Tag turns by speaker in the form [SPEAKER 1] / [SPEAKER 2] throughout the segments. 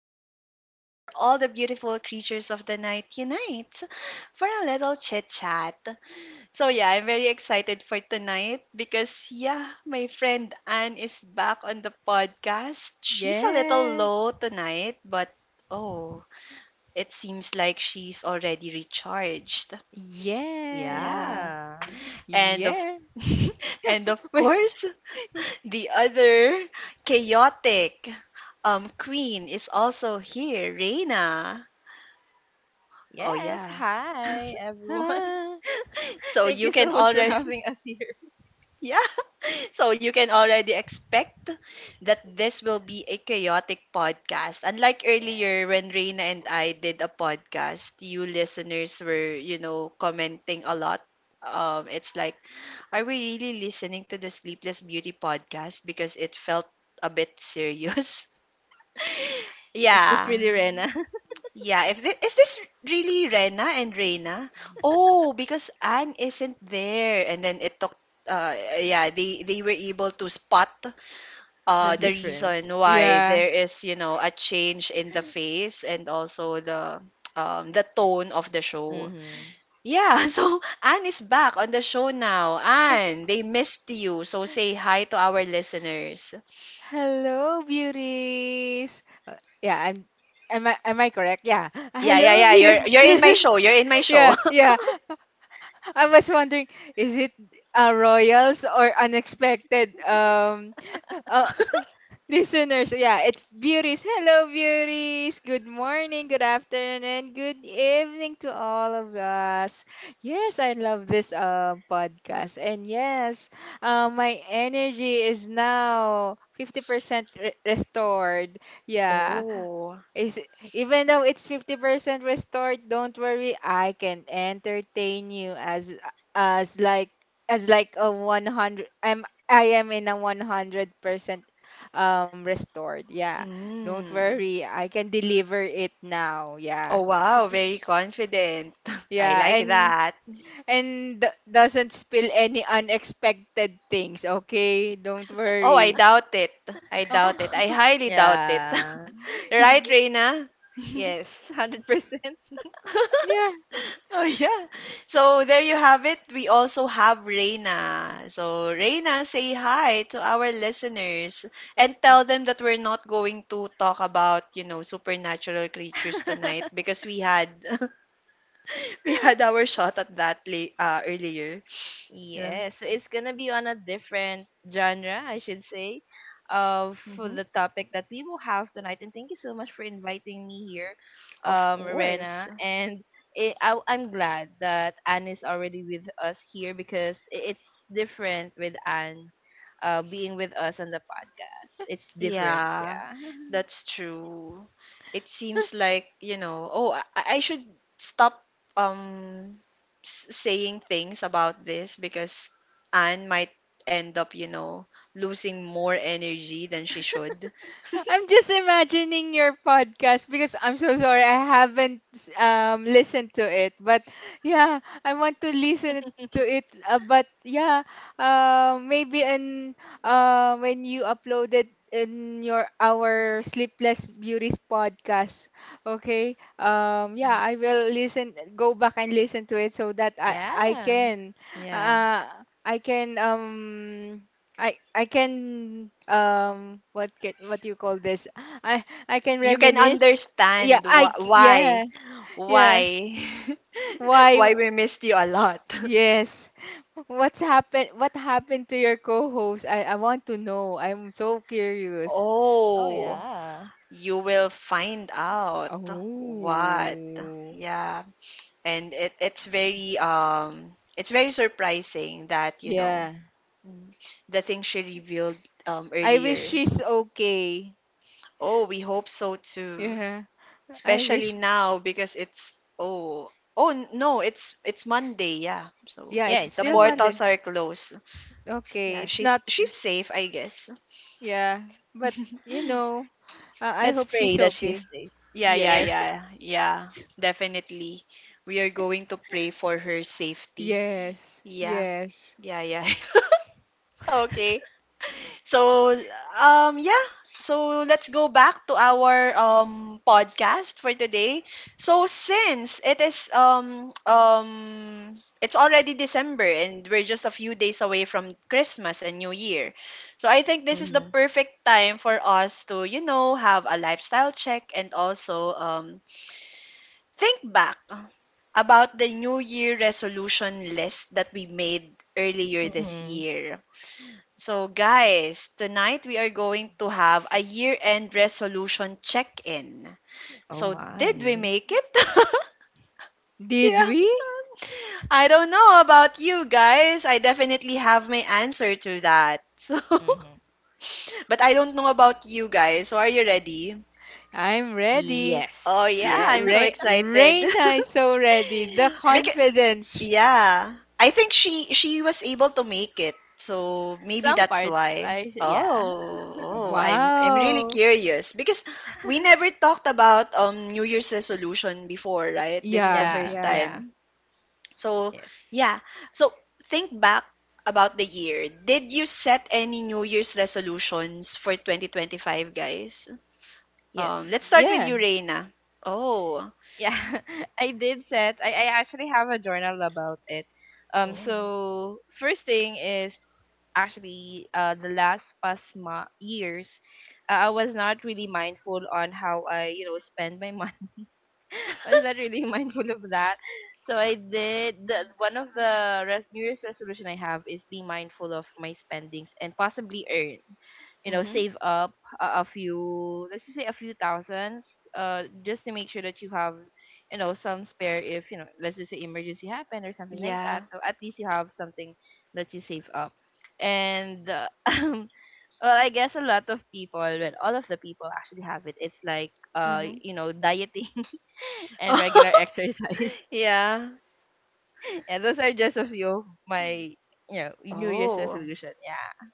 [SPEAKER 1] is the space where all the beautiful creatures of the night unite for a little chit chat. So, yeah, I'm very excited for tonight because, yeah, my friend Anne is back on the podcast. She's a little
[SPEAKER 2] Yes.
[SPEAKER 1] low tonight, but oh, it seems like she's already recharged.
[SPEAKER 2] Yeah.
[SPEAKER 1] Yeah.
[SPEAKER 3] Yeah.
[SPEAKER 1] And of
[SPEAKER 2] Yeah.
[SPEAKER 1] And of
[SPEAKER 2] Wait,
[SPEAKER 1] course,
[SPEAKER 2] wait.
[SPEAKER 1] the other chaotic queen is also here, Reina. Oh
[SPEAKER 3] Yes.
[SPEAKER 1] yeah.
[SPEAKER 3] Hi, everyone.
[SPEAKER 2] Ah.
[SPEAKER 1] So
[SPEAKER 3] Thank
[SPEAKER 1] you
[SPEAKER 3] you
[SPEAKER 1] can
[SPEAKER 3] so much for
[SPEAKER 1] already
[SPEAKER 3] having us here.
[SPEAKER 1] yeah. So you can already expect that this will be a chaotic podcast. Unlike
[SPEAKER 3] Yes.
[SPEAKER 1] earlier when Reina and I did a podcast, you listeners were, commenting a lot. It's like, are we really listening to the Sleepless Beauty podcast because it felt a bit serious?
[SPEAKER 3] Is this
[SPEAKER 1] Yeah.
[SPEAKER 3] really Rena?
[SPEAKER 1] Yeah, if this, is this really Rena and Reina? Oh, because Anne isn't there and then it took uh yeah, they were able to spot
[SPEAKER 3] The
[SPEAKER 1] the
[SPEAKER 3] difference.
[SPEAKER 1] reason why
[SPEAKER 2] Yeah.
[SPEAKER 1] there is, a change in the face and also the tone of the show.
[SPEAKER 3] Mm-hmm.
[SPEAKER 1] Yeah, so Anne is back on the show now. Anne, they missed you. So say hi to our listeners.
[SPEAKER 2] Hello, beauties. Yeah, I'm am I correct? Yeah.
[SPEAKER 1] Yeah, yeah,
[SPEAKER 2] Hello,
[SPEAKER 1] yeah. You're
[SPEAKER 2] beauty.
[SPEAKER 1] you're in my show. You're in my show.
[SPEAKER 2] yeah, yeah. I was wondering, is it a royals or unexpected oh. Listeners, yeah, it's beauties. Hello, beauties. Good morning, good afternoon, and good evening to all of us. Yes, I love this podcast. And yes, my energy is now 50% restored. Yeah,
[SPEAKER 1] Oh.
[SPEAKER 2] is Even though it's 50% restored, don't worry, I can entertain you as as like like a 100, I am in a 100% restored. Yeah. Don't
[SPEAKER 1] Mm.
[SPEAKER 2] worry, I can deliver it now.
[SPEAKER 1] Oh
[SPEAKER 2] Yeah.
[SPEAKER 1] wow, very confident. I
[SPEAKER 2] Yeah,
[SPEAKER 1] like
[SPEAKER 2] and
[SPEAKER 1] that.
[SPEAKER 2] doesn't spill any unexpected things, okay? Don't
[SPEAKER 1] Oh, I
[SPEAKER 2] worry.
[SPEAKER 1] doubt it. I doubt it. I
[SPEAKER 2] Oh.
[SPEAKER 1] highly doubt it.
[SPEAKER 3] Yeah.
[SPEAKER 1] Right, Reina?
[SPEAKER 3] Yes. 100%.
[SPEAKER 2] Yeah,
[SPEAKER 1] Oh yeah. So there you have it. We also have Reina. So Reina, say hi to our listeners and tell them that we're not going to talk about, supernatural creatures tonight because we had we had our shot at that earlier. Yeah.
[SPEAKER 3] Yes, it's gonna be on a different genre, I should say, of for
[SPEAKER 1] Hmm.
[SPEAKER 3] the topic that we will have tonight. And thank you so much for inviting me here,
[SPEAKER 1] Of course.
[SPEAKER 3] Rena. And I'm glad that Anne is already with us here because it's different with Anne, being with us on the podcast. It's different,
[SPEAKER 1] Yeah,
[SPEAKER 3] yeah.
[SPEAKER 1] that's true. It seems like, you know, oh, I should stop um s saying things about this because Anne might end up, you know, losing more energy than she should.
[SPEAKER 2] I'm just imagining your podcast because I'm so sorry I haven't listened to it. But yeah, I want to listen to it. Maybe in when you uploaded in your our Sleepless Beauties podcast, okay? Yeah, I will listen. Go back and listen to it so that I
[SPEAKER 3] Yeah.
[SPEAKER 2] can
[SPEAKER 1] Yeah.
[SPEAKER 2] uh I can I what do you call this? I can
[SPEAKER 1] You can
[SPEAKER 2] reminisce.
[SPEAKER 1] understand wh why
[SPEAKER 2] Yeah. Yeah.
[SPEAKER 1] why
[SPEAKER 2] Why
[SPEAKER 1] why
[SPEAKER 2] w-
[SPEAKER 1] we missed you a lot.
[SPEAKER 2] yes. What happened to your co-host? I want to know. I'm so curious.
[SPEAKER 3] Oh
[SPEAKER 1] Oh,
[SPEAKER 3] yeah.
[SPEAKER 1] you will find out what.
[SPEAKER 2] Oh.
[SPEAKER 1] Yeah. And it's very surprising that you know
[SPEAKER 2] Yeah.
[SPEAKER 1] mm, the thing she revealed
[SPEAKER 2] I wish
[SPEAKER 1] earlier.
[SPEAKER 2] she's okay.
[SPEAKER 1] Oh, we hope so too,
[SPEAKER 2] Yeah. I
[SPEAKER 1] especially
[SPEAKER 2] wish
[SPEAKER 1] now because it's oh, oh no, it's Monday, yeah, so
[SPEAKER 2] Yeah,
[SPEAKER 3] Yeah,
[SPEAKER 2] it's
[SPEAKER 1] the
[SPEAKER 3] it's
[SPEAKER 2] still
[SPEAKER 3] Monday.
[SPEAKER 1] portals
[SPEAKER 2] Monday.
[SPEAKER 1] are closed.
[SPEAKER 2] Okay,
[SPEAKER 1] Yeah,
[SPEAKER 2] it's
[SPEAKER 1] she's
[SPEAKER 2] not.
[SPEAKER 1] she's safe, I guess.
[SPEAKER 2] yeah, but you know, I
[SPEAKER 3] Let's
[SPEAKER 2] hope
[SPEAKER 3] pray
[SPEAKER 2] she's
[SPEAKER 3] that she
[SPEAKER 2] okay.
[SPEAKER 3] is safe.
[SPEAKER 1] Yeah, yeah,
[SPEAKER 2] Yes.
[SPEAKER 1] yeah, yeah, definitely. We are going to pray for her safety.
[SPEAKER 2] Yes,
[SPEAKER 1] Yeah,
[SPEAKER 2] yes.
[SPEAKER 1] yeah, yeah. Okay. So, yeah. So, let's go back to our podcast for today. So, since it is it's already December and we're just a few days away from Christmas and New Year. So, I think this is the
[SPEAKER 3] Mm-hmm.
[SPEAKER 1] perfect time for us to, you know, have a lifestyle check and also think back about the New Year resolution list that we made earlier this
[SPEAKER 3] Mm-hmm.
[SPEAKER 1] year. So, guys, tonight we are going to have a year end resolution check in.
[SPEAKER 3] Oh
[SPEAKER 1] So, did we
[SPEAKER 3] my.
[SPEAKER 1] make it?
[SPEAKER 2] Did
[SPEAKER 1] Yeah.
[SPEAKER 2] we?
[SPEAKER 1] I don't know about you guys. I definitely have my answer to that. So, but I don't know about you guys. So, are you ready?
[SPEAKER 2] I'm ready.
[SPEAKER 3] Yes.
[SPEAKER 1] Oh, yeah.
[SPEAKER 2] Yeah,
[SPEAKER 1] I'm so
[SPEAKER 2] Re
[SPEAKER 1] excited.
[SPEAKER 2] Reina is so ready. The
[SPEAKER 1] Because
[SPEAKER 2] confidence.
[SPEAKER 1] yeah. I think she was able to make it. So maybe
[SPEAKER 3] Some
[SPEAKER 1] that's
[SPEAKER 3] parts
[SPEAKER 1] why.
[SPEAKER 3] yeah.
[SPEAKER 1] Oh, oh, I'm really
[SPEAKER 2] Wow.
[SPEAKER 1] curious because we never talked about New Year's resolution before, right? This is the
[SPEAKER 2] Yeah,
[SPEAKER 3] Yeah,
[SPEAKER 1] first
[SPEAKER 2] yeah,
[SPEAKER 3] yeah.
[SPEAKER 1] time. So,
[SPEAKER 3] Yes.
[SPEAKER 1] yeah. So think back about the year. Did you set any New Year's resolutions for 2025, guys?
[SPEAKER 3] Yes.
[SPEAKER 1] Let's start with
[SPEAKER 2] yeah.
[SPEAKER 1] you, Reina. Oh.
[SPEAKER 3] Yeah. I did set I actually have a journal about it.
[SPEAKER 1] Oh.
[SPEAKER 3] So, first thing is actually the last past years. Uh, I was not really mindful on how I, you know, spend my money. I was not really mindful of that. So one of the New Year's resolution I have is be mindful of my spendings and possibly earn, you know,
[SPEAKER 1] Mm-hmm.
[SPEAKER 3] save up a few, let's just say a few thousands, just to make sure that you have, you know, some spare if you know, let's just say emergency happen or something like that.
[SPEAKER 1] Yeah.
[SPEAKER 3] So at least you have something that you save up. And well, I guess a lot of people, well, all of the people actually have it. It's like
[SPEAKER 1] Mm-hmm.
[SPEAKER 3] you know, dieting and regular exercise.
[SPEAKER 1] Yeah.
[SPEAKER 3] And those are just a few of my, you know, New Year's
[SPEAKER 1] Oh,
[SPEAKER 3] resolution. Yeah.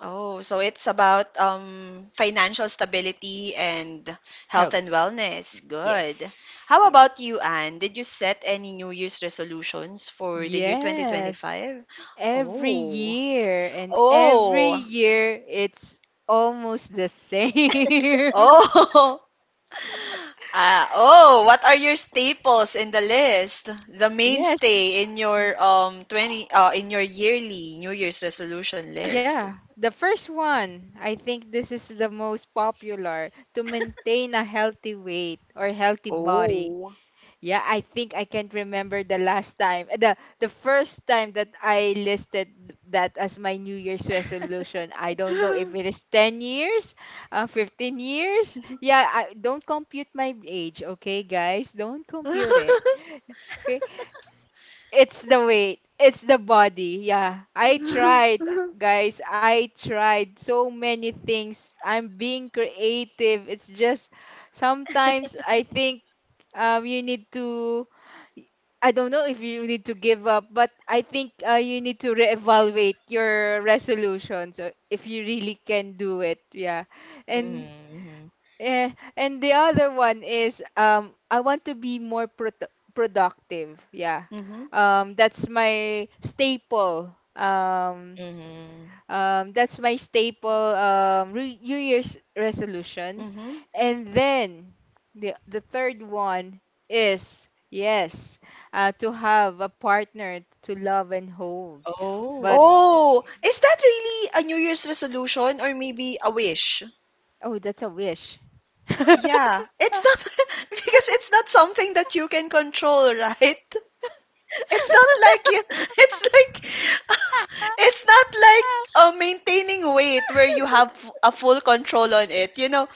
[SPEAKER 1] oh, so it's about financial stability and health
[SPEAKER 3] Health.
[SPEAKER 1] and wellness. Good.
[SPEAKER 3] Yes.
[SPEAKER 1] How
[SPEAKER 3] Yes.
[SPEAKER 1] about you, Anne? Did you set any New Year's resolutions for the year
[SPEAKER 2] Yes.
[SPEAKER 1] 2025?
[SPEAKER 2] Every
[SPEAKER 1] Oh.
[SPEAKER 2] year, and every
[SPEAKER 1] Oh.
[SPEAKER 2] year it's almost the same.
[SPEAKER 1] Oh. Ah, oh, what are your staples in the list? The
[SPEAKER 2] Yes,
[SPEAKER 1] mainstay in your 20 in your yearly New Year's resolution list.
[SPEAKER 2] yeah. The first one, I think this is the most popular, to maintain a healthy weight or healthy body.
[SPEAKER 1] Oh.
[SPEAKER 2] Yeah, I think I can't remember the last time, the first time that I listed that as my New Year's resolution. I don't know if it is 10 years, 15 years. Yeah, I don't compute my age, okay, guys? Don't compute it, okay? It's the weight, it's the body. Yeah, I tried, guys. I tried so many things. I'm being creative. It's just sometimes I think you need to, I don't know if you need to give up, but I think you need to reevaluate your resolution, so if you really can do it. Yeah. And
[SPEAKER 3] Mm-hmm.
[SPEAKER 2] and the other one is, I want to be more productive. Yeah.
[SPEAKER 1] Mm-hmm.
[SPEAKER 2] That's my staple.
[SPEAKER 3] Mm-hmm.
[SPEAKER 2] That's my staple New Year's resolution.
[SPEAKER 1] Mm-hmm.
[SPEAKER 2] And then the third one is, yes, to have a partner to love and hold. But
[SPEAKER 3] Oh.
[SPEAKER 1] Oh, is that really a New Year's resolution or maybe a wish?
[SPEAKER 2] oh, that's a wish.
[SPEAKER 1] Yeah, it's not because it's not something that you can control, right? It's not like you, it's like, it's not like maintaining weight where you have a full control on it. You know,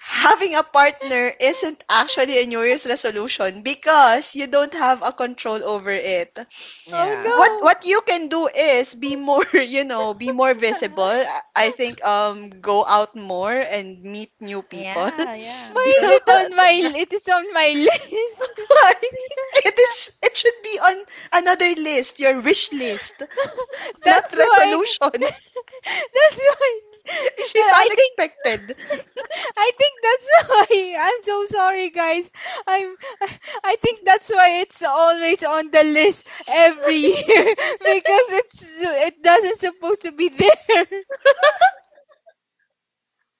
[SPEAKER 1] having a partner isn't actually a New Year's resolution because you don't have a control over it.
[SPEAKER 3] Yeah.
[SPEAKER 2] Oh
[SPEAKER 1] What you can do is be more, you know, be more
[SPEAKER 2] no.
[SPEAKER 1] visible. I think go out more and meet new people.
[SPEAKER 3] Yeah. Yeah.
[SPEAKER 1] You
[SPEAKER 2] Why is
[SPEAKER 3] Because
[SPEAKER 1] know?
[SPEAKER 2] it
[SPEAKER 3] the,
[SPEAKER 2] on my
[SPEAKER 3] the
[SPEAKER 2] It is on my list?
[SPEAKER 1] Why? It should be on another list, your wish list, not
[SPEAKER 2] That's why
[SPEAKER 1] resolution.
[SPEAKER 2] that's why
[SPEAKER 1] She's
[SPEAKER 2] that I think,
[SPEAKER 1] unexpected.
[SPEAKER 2] that's why. I'm so sorry, guys. I'm I I think that's why it's always on the list every year, because it doesn't supposed to be there.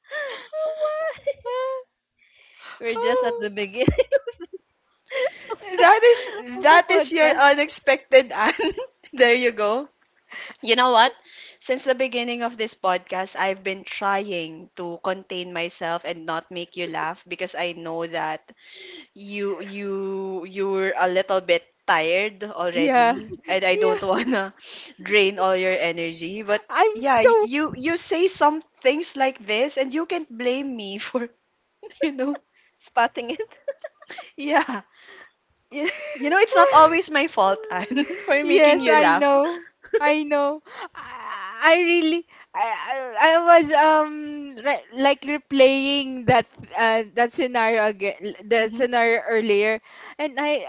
[SPEAKER 3] what? We're just at the
[SPEAKER 2] Oh.
[SPEAKER 3] beginning
[SPEAKER 1] That is
[SPEAKER 3] of the
[SPEAKER 1] that is your
[SPEAKER 3] podcast,
[SPEAKER 1] unexpected and there you go. You know what? Since the beginning of this podcast, I've been trying to contain myself and not make you laugh because I know that you're a little bit tired
[SPEAKER 2] Yeah.
[SPEAKER 1] already and I
[SPEAKER 2] Yeah.
[SPEAKER 1] don't wanna drain all your energy. But
[SPEAKER 2] I'm
[SPEAKER 1] yeah,
[SPEAKER 2] so—
[SPEAKER 1] you say some things like this and you can't blame me for, you know.
[SPEAKER 3] spotting it.
[SPEAKER 1] Yeah. Y- You know, it's not always my fault, Anne, for making
[SPEAKER 2] Yes,
[SPEAKER 1] you
[SPEAKER 3] Oh,
[SPEAKER 2] I
[SPEAKER 1] laugh.
[SPEAKER 2] know. I know. I really, I was like replaying that, that scenario again, that
[SPEAKER 1] Hmm.
[SPEAKER 2] scenario earlier, and I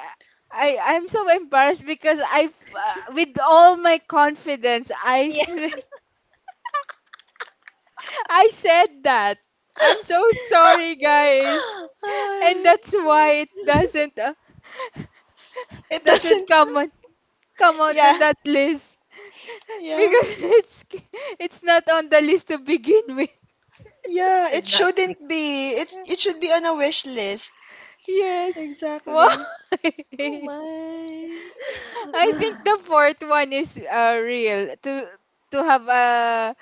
[SPEAKER 2] I I'm so embarrassed because I with all my confidence
[SPEAKER 3] yeah.
[SPEAKER 2] I said that. I'm so sorry, guys. And
[SPEAKER 1] Ay,
[SPEAKER 2] that's why it
[SPEAKER 1] it
[SPEAKER 2] doesn't
[SPEAKER 1] doesn't.
[SPEAKER 2] come out
[SPEAKER 1] Yeah,
[SPEAKER 2] in that list.
[SPEAKER 1] yeah,
[SPEAKER 2] Because it's it's not on the list to begin with.
[SPEAKER 3] It
[SPEAKER 1] yeah.
[SPEAKER 3] should
[SPEAKER 1] It
[SPEAKER 3] not be.
[SPEAKER 1] shouldn't be. It should be on a wish list.
[SPEAKER 2] Yes. Why?
[SPEAKER 1] Exactly.
[SPEAKER 3] Oh my.
[SPEAKER 2] I think the fourth one is, real to have,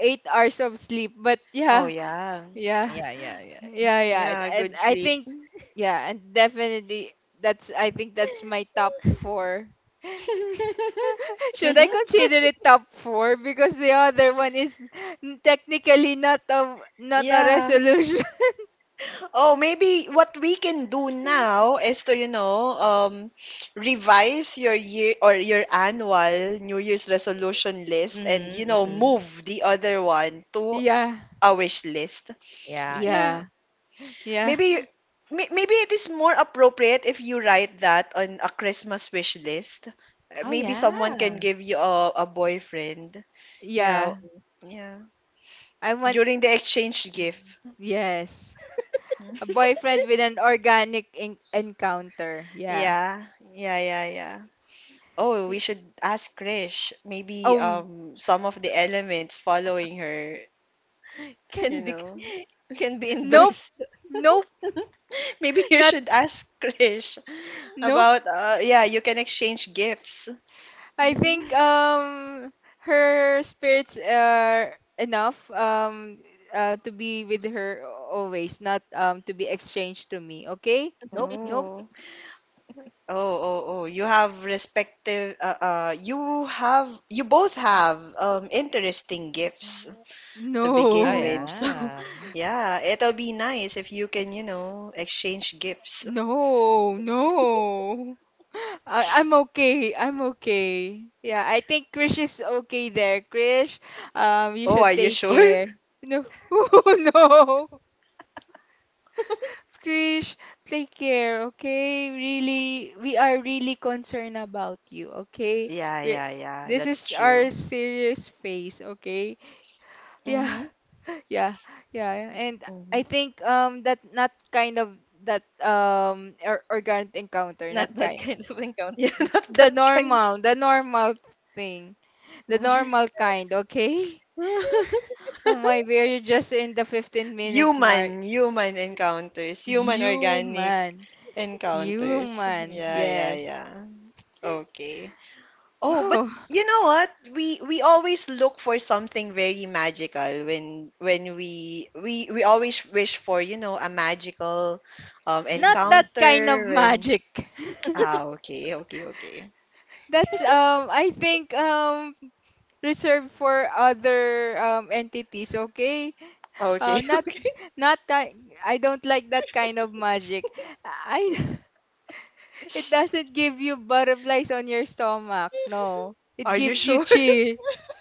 [SPEAKER 2] 8 hours of sleep. But
[SPEAKER 1] Oh
[SPEAKER 2] yeah,
[SPEAKER 1] yeah,
[SPEAKER 2] yeah,
[SPEAKER 3] Yeah, yeah, yeah.
[SPEAKER 2] yeah, yeah.
[SPEAKER 1] yeah.
[SPEAKER 2] And
[SPEAKER 1] Good
[SPEAKER 2] I
[SPEAKER 1] sleep.
[SPEAKER 2] think, yeah, and definitely, that's I think that's my top four. Should I consider it top four because the other one is technically not a not a
[SPEAKER 1] Yeah.
[SPEAKER 2] resolution.
[SPEAKER 1] Oh, maybe what we can do now is to, you know, revise your year or your annual New Year's resolution list and, you
[SPEAKER 3] Mm-hmm,
[SPEAKER 1] know,
[SPEAKER 3] mm-hmm.
[SPEAKER 1] move the other one to
[SPEAKER 2] Yeah.
[SPEAKER 1] a wish list.
[SPEAKER 3] Yeah,
[SPEAKER 1] Yeah.
[SPEAKER 2] Yeah,
[SPEAKER 3] yeah.
[SPEAKER 2] yeah,
[SPEAKER 1] Maybe Maybe it is more appropriate if you write that on a Christmas wish list.
[SPEAKER 3] Oh
[SPEAKER 1] Maybe someone can
[SPEAKER 3] yeah.
[SPEAKER 1] give you a boyfriend. Yeah.
[SPEAKER 2] yeah.
[SPEAKER 1] Yeah.
[SPEAKER 2] I want,
[SPEAKER 1] During the exchange gift.
[SPEAKER 2] yes, a boyfriend with an organic in encounter. Yeah.
[SPEAKER 1] Yeah. Yeah, yeah, yeah. Oh, we
[SPEAKER 2] Yeah.
[SPEAKER 1] should ask Krish. Maybe
[SPEAKER 2] Oh,
[SPEAKER 1] some of the elements following her, you
[SPEAKER 3] Can be
[SPEAKER 1] know.
[SPEAKER 3] can be
[SPEAKER 2] nope,
[SPEAKER 3] endorsed.
[SPEAKER 2] nope,
[SPEAKER 1] Maybe you
[SPEAKER 2] not
[SPEAKER 1] should ask Krish
[SPEAKER 2] nope.
[SPEAKER 1] about yeah, you can exchange gifts.
[SPEAKER 2] I
[SPEAKER 1] Mm.
[SPEAKER 2] think her spirits are enough, to be with her always, not to be exchanged to me. Okay? Nope, nope.
[SPEAKER 1] Oh. Oh, oh, oh. You have respective you both have interesting gifts to
[SPEAKER 3] Oh
[SPEAKER 1] begin with.
[SPEAKER 2] No,
[SPEAKER 1] So,
[SPEAKER 3] yeah.
[SPEAKER 1] yeah, it'll be nice if you can, you know, exchange gifts.
[SPEAKER 2] no, no. I'm okay. I'm okay. Yeah, I think Krish is okay there. Krish, you
[SPEAKER 1] Oh, are
[SPEAKER 2] should
[SPEAKER 1] you
[SPEAKER 2] take
[SPEAKER 1] sure?
[SPEAKER 2] care. No, no. Krish, take care, okay? Really, we are really concerned about you, okay?
[SPEAKER 1] Yeah,
[SPEAKER 2] We're,
[SPEAKER 1] yeah, yeah.
[SPEAKER 2] this
[SPEAKER 1] That's
[SPEAKER 2] is our
[SPEAKER 1] true.
[SPEAKER 2] serious phase, okay? Yeah,
[SPEAKER 1] Mhm.
[SPEAKER 2] yeah, yeah. And I
[SPEAKER 1] Mhm.
[SPEAKER 2] think that not kind of, that or organic encounter,
[SPEAKER 3] Not
[SPEAKER 2] not
[SPEAKER 3] that
[SPEAKER 2] kind.
[SPEAKER 3] kind of encounter.
[SPEAKER 1] Yeah, not
[SPEAKER 2] The
[SPEAKER 1] that kind.
[SPEAKER 2] normal, the normal thing. The
[SPEAKER 1] Mhm.
[SPEAKER 2] normal kind, okay? Oh my, we're just in the 15-minute mark.
[SPEAKER 1] Human, human encounters, human organic
[SPEAKER 2] Human.
[SPEAKER 1] encounters.
[SPEAKER 2] Human.
[SPEAKER 1] Yeah, yeah,
[SPEAKER 2] Yes.
[SPEAKER 1] yeah. Okay. Oh, but
[SPEAKER 2] Wow.
[SPEAKER 1] you know what? We always look for something very magical when we always wish for, you know, a magical
[SPEAKER 2] Not
[SPEAKER 3] Mm-hmm.
[SPEAKER 2] that kind of
[SPEAKER 1] encounter and
[SPEAKER 2] magic.
[SPEAKER 1] ah, okay, okay, okay.
[SPEAKER 2] That's, I think, reserved for other entities, okay?
[SPEAKER 1] Okay,
[SPEAKER 2] Not
[SPEAKER 1] okay.
[SPEAKER 2] I don't like that kind of magic. I— it doesn't give you butterflies on your stomach. No. It
[SPEAKER 1] Are you
[SPEAKER 2] gives you
[SPEAKER 1] sure?
[SPEAKER 2] chill.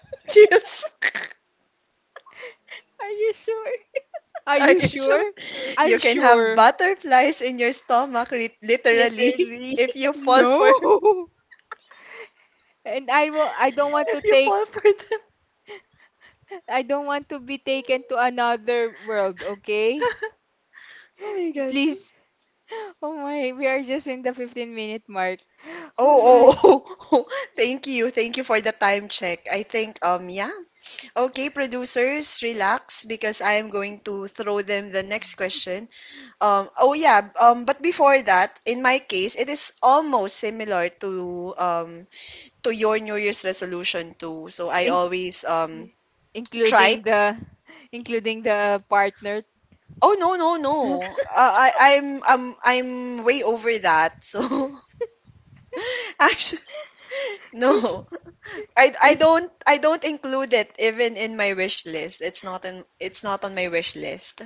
[SPEAKER 1] Chills.
[SPEAKER 3] Are you sure?
[SPEAKER 2] Are
[SPEAKER 1] Are
[SPEAKER 2] you
[SPEAKER 1] you sure?
[SPEAKER 2] sure?
[SPEAKER 1] You
[SPEAKER 2] I'm
[SPEAKER 1] can have
[SPEAKER 2] sure.
[SPEAKER 1] butterflies in your stomach, literally,
[SPEAKER 3] Literally.
[SPEAKER 1] if you fall for,
[SPEAKER 2] No. And I will I don't want
[SPEAKER 1] if
[SPEAKER 2] to
[SPEAKER 1] you
[SPEAKER 2] take
[SPEAKER 1] fall for them.
[SPEAKER 2] I don't want to be taken to another world, okay?
[SPEAKER 1] Oh my God.
[SPEAKER 2] Please. Oh my, we are just in the 15-minute mark. Oh my.
[SPEAKER 1] Oh, oh, oh. Thank you. Thank you for the time check. I think, yeah. Okay, producers, relax because I am going to throw them the next question. Oh yeah. But before that, in my case, it is almost similar to your New Year's resolution too. So I
[SPEAKER 2] In-
[SPEAKER 1] always try.
[SPEAKER 2] Including the, partner.
[SPEAKER 1] Oh no no no! I I'm way over that. So actually
[SPEAKER 2] Is-
[SPEAKER 1] no,
[SPEAKER 2] is-
[SPEAKER 1] I don't include it even in my wish list. It's not on my wish list.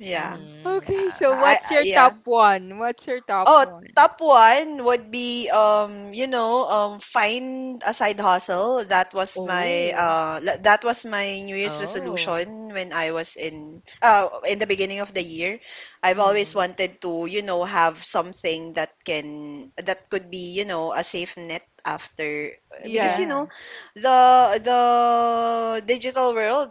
[SPEAKER 1] Yeah.
[SPEAKER 3] Mm-hmm.
[SPEAKER 2] okay,
[SPEAKER 3] Yeah.
[SPEAKER 2] so what's
[SPEAKER 1] I
[SPEAKER 2] your
[SPEAKER 1] yeah.
[SPEAKER 2] top one? What's your top
[SPEAKER 1] Oh,
[SPEAKER 2] one?
[SPEAKER 1] top one would be you know, find a side hustle. That was my
[SPEAKER 2] Oh.
[SPEAKER 1] that was my New Year's
[SPEAKER 3] Oh.
[SPEAKER 1] resolution when I was in the beginning of the year. I've always
[SPEAKER 3] Mm-hmm.
[SPEAKER 1] wanted to, you know, have something that could be, you know, a safe net after because you
[SPEAKER 2] Yeah.
[SPEAKER 1] know,
[SPEAKER 3] Yeah.
[SPEAKER 1] the the digital world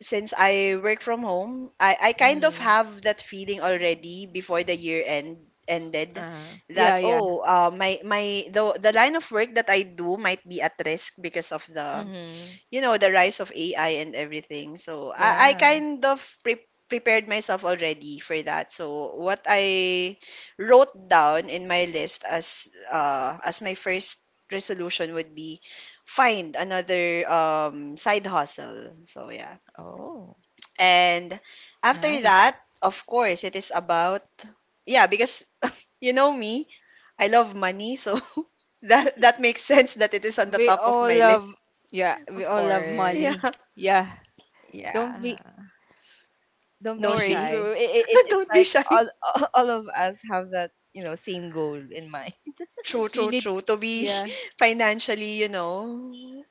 [SPEAKER 1] since I work from home, I kind of
[SPEAKER 3] Mm-hmm.
[SPEAKER 1] have that feeling already before the year end ended
[SPEAKER 3] Uh.
[SPEAKER 2] Yeah,
[SPEAKER 1] that
[SPEAKER 2] yeah.
[SPEAKER 1] oh my my the line of work that I do might be at risk because of the
[SPEAKER 3] Mm-hmm.
[SPEAKER 1] you know the rise of AI and everything. So I
[SPEAKER 3] Yeah.
[SPEAKER 1] kind of prepared myself already for that. So what I wrote down in my list as my first resolution would be find another side hustle. So yeah.
[SPEAKER 3] Oh.
[SPEAKER 1] And after
[SPEAKER 2] Nice.
[SPEAKER 1] that, of course, it is about yeah, because you know me, I love money, so that that makes sense that it is on the
[SPEAKER 2] We
[SPEAKER 1] top of
[SPEAKER 2] all
[SPEAKER 1] my
[SPEAKER 2] love,
[SPEAKER 1] list.
[SPEAKER 2] yeah, we
[SPEAKER 3] Of
[SPEAKER 2] all love
[SPEAKER 1] Yeah,
[SPEAKER 3] course.
[SPEAKER 2] money. Yeah, don't be
[SPEAKER 3] Yeah.
[SPEAKER 2] don't
[SPEAKER 3] No
[SPEAKER 2] be
[SPEAKER 1] don't
[SPEAKER 3] worries.
[SPEAKER 1] be.
[SPEAKER 2] shy.
[SPEAKER 3] It, it, it's
[SPEAKER 1] Don't be
[SPEAKER 3] like
[SPEAKER 1] shy.
[SPEAKER 3] all all of us have that you know same goal in mind.
[SPEAKER 1] True,
[SPEAKER 2] You
[SPEAKER 1] true,
[SPEAKER 2] need,
[SPEAKER 1] true. To be
[SPEAKER 2] yeah,
[SPEAKER 1] financially, you know,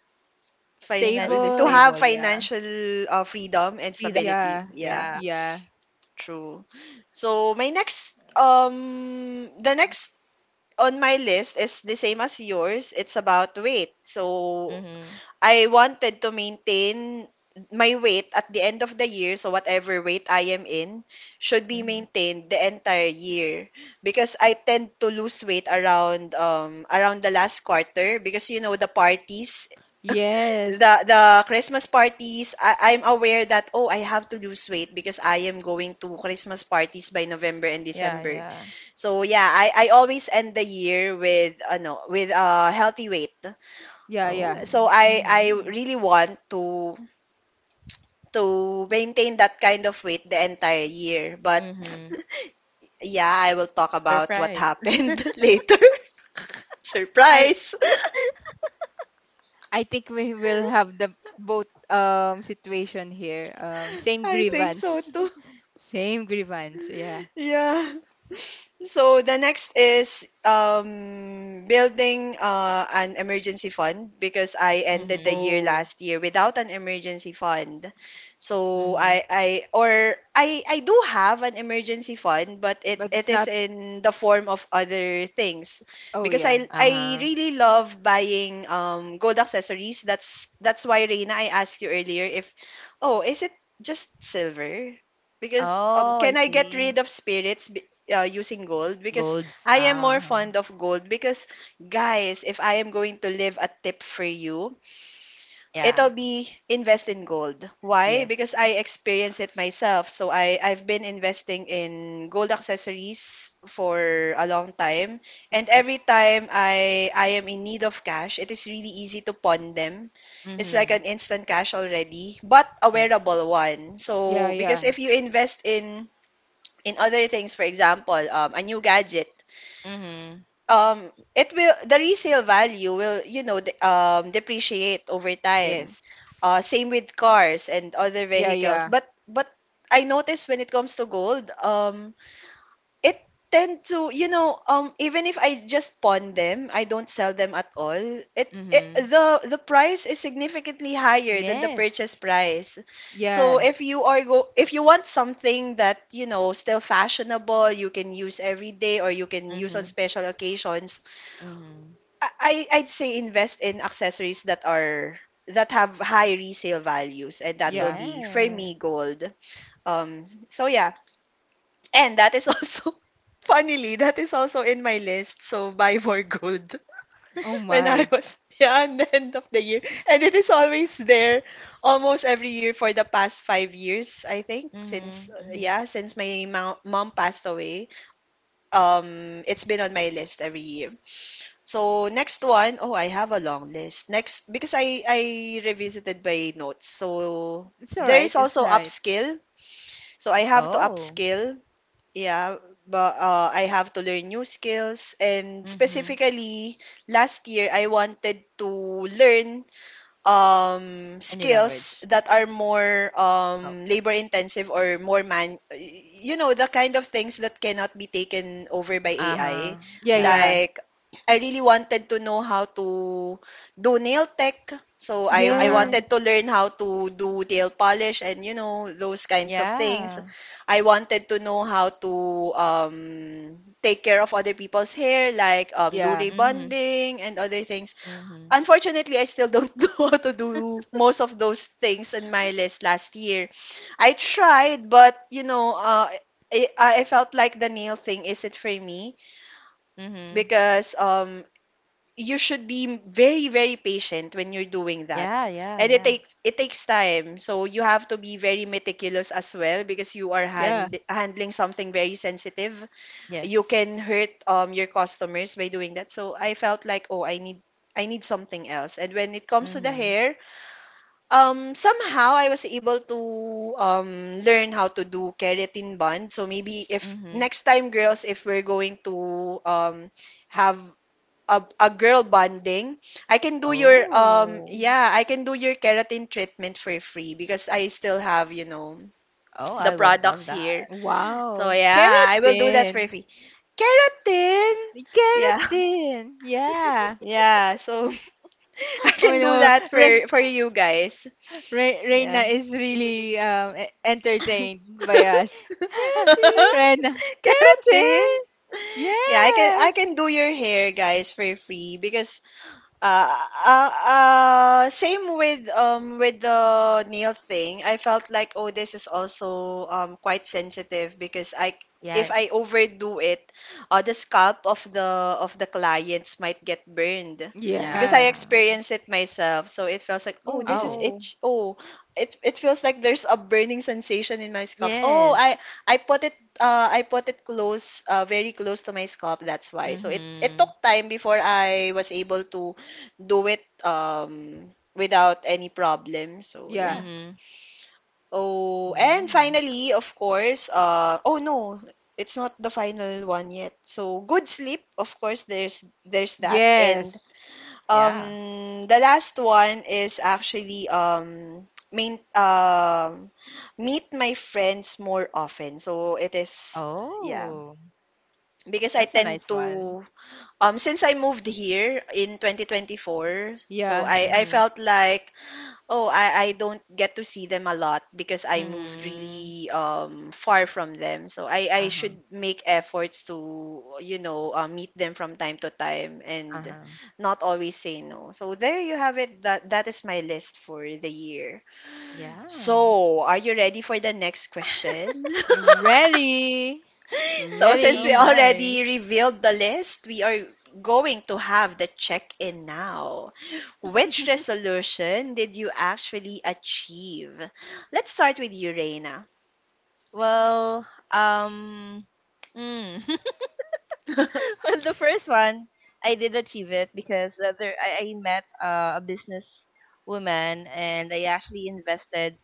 [SPEAKER 1] fin-
[SPEAKER 3] Financially
[SPEAKER 1] to
[SPEAKER 2] stable.
[SPEAKER 1] have
[SPEAKER 3] stable, yeah.
[SPEAKER 1] financial freedom and
[SPEAKER 3] Freedom,
[SPEAKER 2] Yeah,
[SPEAKER 1] stability. Yeah,
[SPEAKER 3] yeah.
[SPEAKER 2] yeah,
[SPEAKER 1] true. So my next on my list is the same as yours. It's about weight. So
[SPEAKER 3] Mhm.
[SPEAKER 1] I wanted to maintain my weight at the end of the year. So whatever weight I am in should be
[SPEAKER 3] Mhm.
[SPEAKER 1] maintained the entire year because I tend to lose weight around around the last quarter because you know the parties the
[SPEAKER 2] yes,
[SPEAKER 1] Christmas parties, I'm aware that oh I have to lose weight because I am going to Christmas parties by November and
[SPEAKER 3] Yeah,
[SPEAKER 1] December.
[SPEAKER 3] yeah.
[SPEAKER 1] So yeah, I always end the year with ano with a healthy weight.
[SPEAKER 2] yeah, yeah.
[SPEAKER 3] Oh.
[SPEAKER 1] So I
[SPEAKER 3] Mhm.
[SPEAKER 1] really want to maintain that kind of weight the entire year. But
[SPEAKER 3] Mhm.
[SPEAKER 1] yeah, I will talk about what
[SPEAKER 3] Surprise.
[SPEAKER 1] happened later.
[SPEAKER 2] I
[SPEAKER 1] Surprise.
[SPEAKER 2] I think we will have the both situation here. Same
[SPEAKER 1] I think so
[SPEAKER 2] grievance,
[SPEAKER 1] too.
[SPEAKER 2] same grievance. Yeah.
[SPEAKER 1] Yeah. So the next is building an emergency fund because I ended the
[SPEAKER 3] Mhm.
[SPEAKER 1] year
[SPEAKER 2] Oh,
[SPEAKER 1] last year without an emergency fund. So
[SPEAKER 3] Mhm.
[SPEAKER 1] I do have an emergency fund, but it
[SPEAKER 2] but
[SPEAKER 1] it
[SPEAKER 2] it's not.
[SPEAKER 1] is in the form of other things
[SPEAKER 2] Oh
[SPEAKER 1] because
[SPEAKER 2] yeah,
[SPEAKER 1] I
[SPEAKER 3] Uh
[SPEAKER 1] I
[SPEAKER 3] huh.
[SPEAKER 1] really love buying gold accessories. That's why Reina, I asked you earlier if oh is it just silver? Because
[SPEAKER 3] Oh, I
[SPEAKER 1] can I get rid
[SPEAKER 3] see.
[SPEAKER 1] of spirits? Using gold because
[SPEAKER 3] Golds.
[SPEAKER 1] I am
[SPEAKER 3] Uh
[SPEAKER 1] more
[SPEAKER 3] huh.
[SPEAKER 1] fond of gold because guys, if I am going to leave a tip for you, it'll
[SPEAKER 3] Yeah.
[SPEAKER 1] be invest in gold. Why?
[SPEAKER 3] Yes.
[SPEAKER 1] Because I experienced it myself. So I I've been investing in gold accessories for a long time and
[SPEAKER 3] Yep.
[SPEAKER 1] every time I am in need of cash, it is really easy to pawn them. It's like
[SPEAKER 3] Mhm.
[SPEAKER 1] an instant cash already, but a
[SPEAKER 3] Yes.
[SPEAKER 1] wearable one.
[SPEAKER 2] yeah,
[SPEAKER 1] So because
[SPEAKER 2] yeah,
[SPEAKER 1] if you invest in other things, for example, a new gadget,
[SPEAKER 3] Mhm.
[SPEAKER 1] um, it will the resale value will you know depreciate over time.
[SPEAKER 3] Yes.
[SPEAKER 1] Same with cars and other
[SPEAKER 2] yeah,
[SPEAKER 1] vehicles.
[SPEAKER 2] yeah.
[SPEAKER 1] But I noticed when it comes to gold, it tend to, you know, even if I just pawn them, I don't sell them at all. It
[SPEAKER 3] Mhm.
[SPEAKER 1] the price is significantly higher than the
[SPEAKER 3] Yes.
[SPEAKER 1] purchase price. So if
[SPEAKER 2] Yes,
[SPEAKER 1] you are go if you want something that, you know, still fashionable, you can use every day or you can use on
[SPEAKER 3] Mhm.
[SPEAKER 1] special occasions,
[SPEAKER 3] Mhm.
[SPEAKER 1] I'd say invest in accessories that are that have high resale values and that will
[SPEAKER 2] yeah.
[SPEAKER 1] be for
[SPEAKER 3] Yes.
[SPEAKER 1] me gold. So yeah, and that is also, funnily, that is also in my list. So buy more gold
[SPEAKER 2] Oh
[SPEAKER 1] when I
[SPEAKER 2] my,
[SPEAKER 1] was, yeah, and the end of the year. And it is always there almost every year for the past 5 years, I think, since,
[SPEAKER 3] Mhm, mhm.
[SPEAKER 1] yeah, since my mom passed away. It's been on my list every year. So next one, oh, I have a long list. Next, because I revisited my notes. So
[SPEAKER 2] it's all
[SPEAKER 1] there
[SPEAKER 2] right.
[SPEAKER 1] is
[SPEAKER 2] It's all
[SPEAKER 1] also
[SPEAKER 2] right.
[SPEAKER 1] upskill. So I have to
[SPEAKER 3] Oh,
[SPEAKER 1] upskill yeah, but I have to learn new skills. And
[SPEAKER 3] mhm.
[SPEAKER 1] specifically, last year, I wanted to learn
[SPEAKER 3] A new
[SPEAKER 1] skills
[SPEAKER 3] language.
[SPEAKER 1] that are more
[SPEAKER 3] Oh,
[SPEAKER 1] labor intensive or more you know, the kind of things that cannot be taken over by AI.
[SPEAKER 3] uh-huh.
[SPEAKER 2] Yeah,
[SPEAKER 3] Yeah.
[SPEAKER 2] yeah.
[SPEAKER 1] Like, I really wanted to know how to do nail tech. So I
[SPEAKER 3] Uh-huh.
[SPEAKER 1] wanted to
[SPEAKER 2] Yes.
[SPEAKER 1] learn how to do nail polish and you know those kinds of things.
[SPEAKER 3] Yeah.
[SPEAKER 1] I wanted to know how to take care of other people's hair like do
[SPEAKER 2] Yeah.
[SPEAKER 3] Mhm.
[SPEAKER 1] rebonding and other things.
[SPEAKER 3] Mhm.
[SPEAKER 1] Unfortunately, I still don't know how to do most of those things in my list last year. I tried, but you know, I, I felt like the nail thing isn't for me
[SPEAKER 3] Mhm.
[SPEAKER 1] because you should be very, very patient when you're doing that.
[SPEAKER 3] Yeah, yeah,
[SPEAKER 1] And
[SPEAKER 3] yeah.
[SPEAKER 1] it takes time, so you have to be very meticulous as well because you are
[SPEAKER 2] Yeah.
[SPEAKER 1] handling something very sensitive
[SPEAKER 3] Yes.
[SPEAKER 1] you can hurt your customers by doing that. So I felt like, oh, I need something else. And when it comes to the
[SPEAKER 3] Mhm.
[SPEAKER 1] hair, somehow I was able to learn how to do keratin bond. So maybe if
[SPEAKER 3] Mhm.
[SPEAKER 1] next time girls if we're going to have a girl bonding, I can do your
[SPEAKER 3] Oh.
[SPEAKER 1] yeah, I can do your keratin treatment for free because I still have, you know,
[SPEAKER 3] Oh,
[SPEAKER 1] the
[SPEAKER 3] I would love
[SPEAKER 1] products
[SPEAKER 3] that.
[SPEAKER 1] here so
[SPEAKER 2] Wow.
[SPEAKER 1] yeah, I will do that for
[SPEAKER 2] Keratin.
[SPEAKER 1] free. Keratin. Yeah.
[SPEAKER 2] Keratin. Yeah.
[SPEAKER 1] Yeah. So I
[SPEAKER 2] Oh
[SPEAKER 1] can do
[SPEAKER 2] no.
[SPEAKER 1] that
[SPEAKER 2] Re
[SPEAKER 1] for you guys.
[SPEAKER 2] Re Reina
[SPEAKER 1] Yeah.
[SPEAKER 2] is really
[SPEAKER 1] Keratin.
[SPEAKER 2] entertained by us.
[SPEAKER 3] Really?
[SPEAKER 2] Reina. Keratin.
[SPEAKER 1] Yeah, I
[SPEAKER 2] Yes.
[SPEAKER 1] can do your hair guys for free because Uh, same with the nail thing. I felt like oh this is also quite sensitive because I if
[SPEAKER 3] Yes.
[SPEAKER 1] I overdo it, the scalp of the clients might get burned because
[SPEAKER 2] Yeah.
[SPEAKER 1] I
[SPEAKER 3] Yeah.
[SPEAKER 1] experienced it myself. So it feels like oh
[SPEAKER 2] Oh
[SPEAKER 1] this is
[SPEAKER 3] Oh.
[SPEAKER 2] no.
[SPEAKER 1] itch. Oh, it feels like there's a burning sensation in my scalp. Oh,
[SPEAKER 3] Yes.
[SPEAKER 1] I put it close, very close to my scalp. That's why. So it took
[SPEAKER 3] Mhm.
[SPEAKER 1] time before I was able to do it without any problem. So
[SPEAKER 2] Yeah.
[SPEAKER 1] yeah.
[SPEAKER 3] Mhm.
[SPEAKER 1] Oh, and
[SPEAKER 3] Mm.
[SPEAKER 1] finally, of course, oh no, it's not the final one yet. So good sleep, of course, there's that. And
[SPEAKER 2] Yes.
[SPEAKER 1] um,
[SPEAKER 3] Yeah.
[SPEAKER 1] the last one is actually main meet my friends more often. So it is yeah,
[SPEAKER 3] Oh,
[SPEAKER 1] because I
[SPEAKER 3] that's a
[SPEAKER 1] tend
[SPEAKER 3] nice one.
[SPEAKER 1] to since I moved here in 2024, so
[SPEAKER 2] Yeah.
[SPEAKER 1] I
[SPEAKER 3] Mhm.
[SPEAKER 1] felt like oh, I don't get to see them a lot because I moved
[SPEAKER 3] Mhm.
[SPEAKER 1] really far from them. So I
[SPEAKER 3] Uh-huh.
[SPEAKER 1] should make efforts to, you know, meet them from time to time and
[SPEAKER 3] Uh-huh.
[SPEAKER 1] not always say no. So there you have it. That is my list for the year.
[SPEAKER 3] Yeah.
[SPEAKER 1] So, are you ready for the next question?
[SPEAKER 2] You ready?
[SPEAKER 1] So since
[SPEAKER 3] Oh
[SPEAKER 1] we
[SPEAKER 2] Ready.
[SPEAKER 1] already
[SPEAKER 3] my.
[SPEAKER 1] revealed the list, we are going to have the check-in now. Which resolution did you actually achieve? Let's start with you, Reina.
[SPEAKER 3] Well, um, mm. Well, the first one I did achieve it because there I met a business woman and I actually invested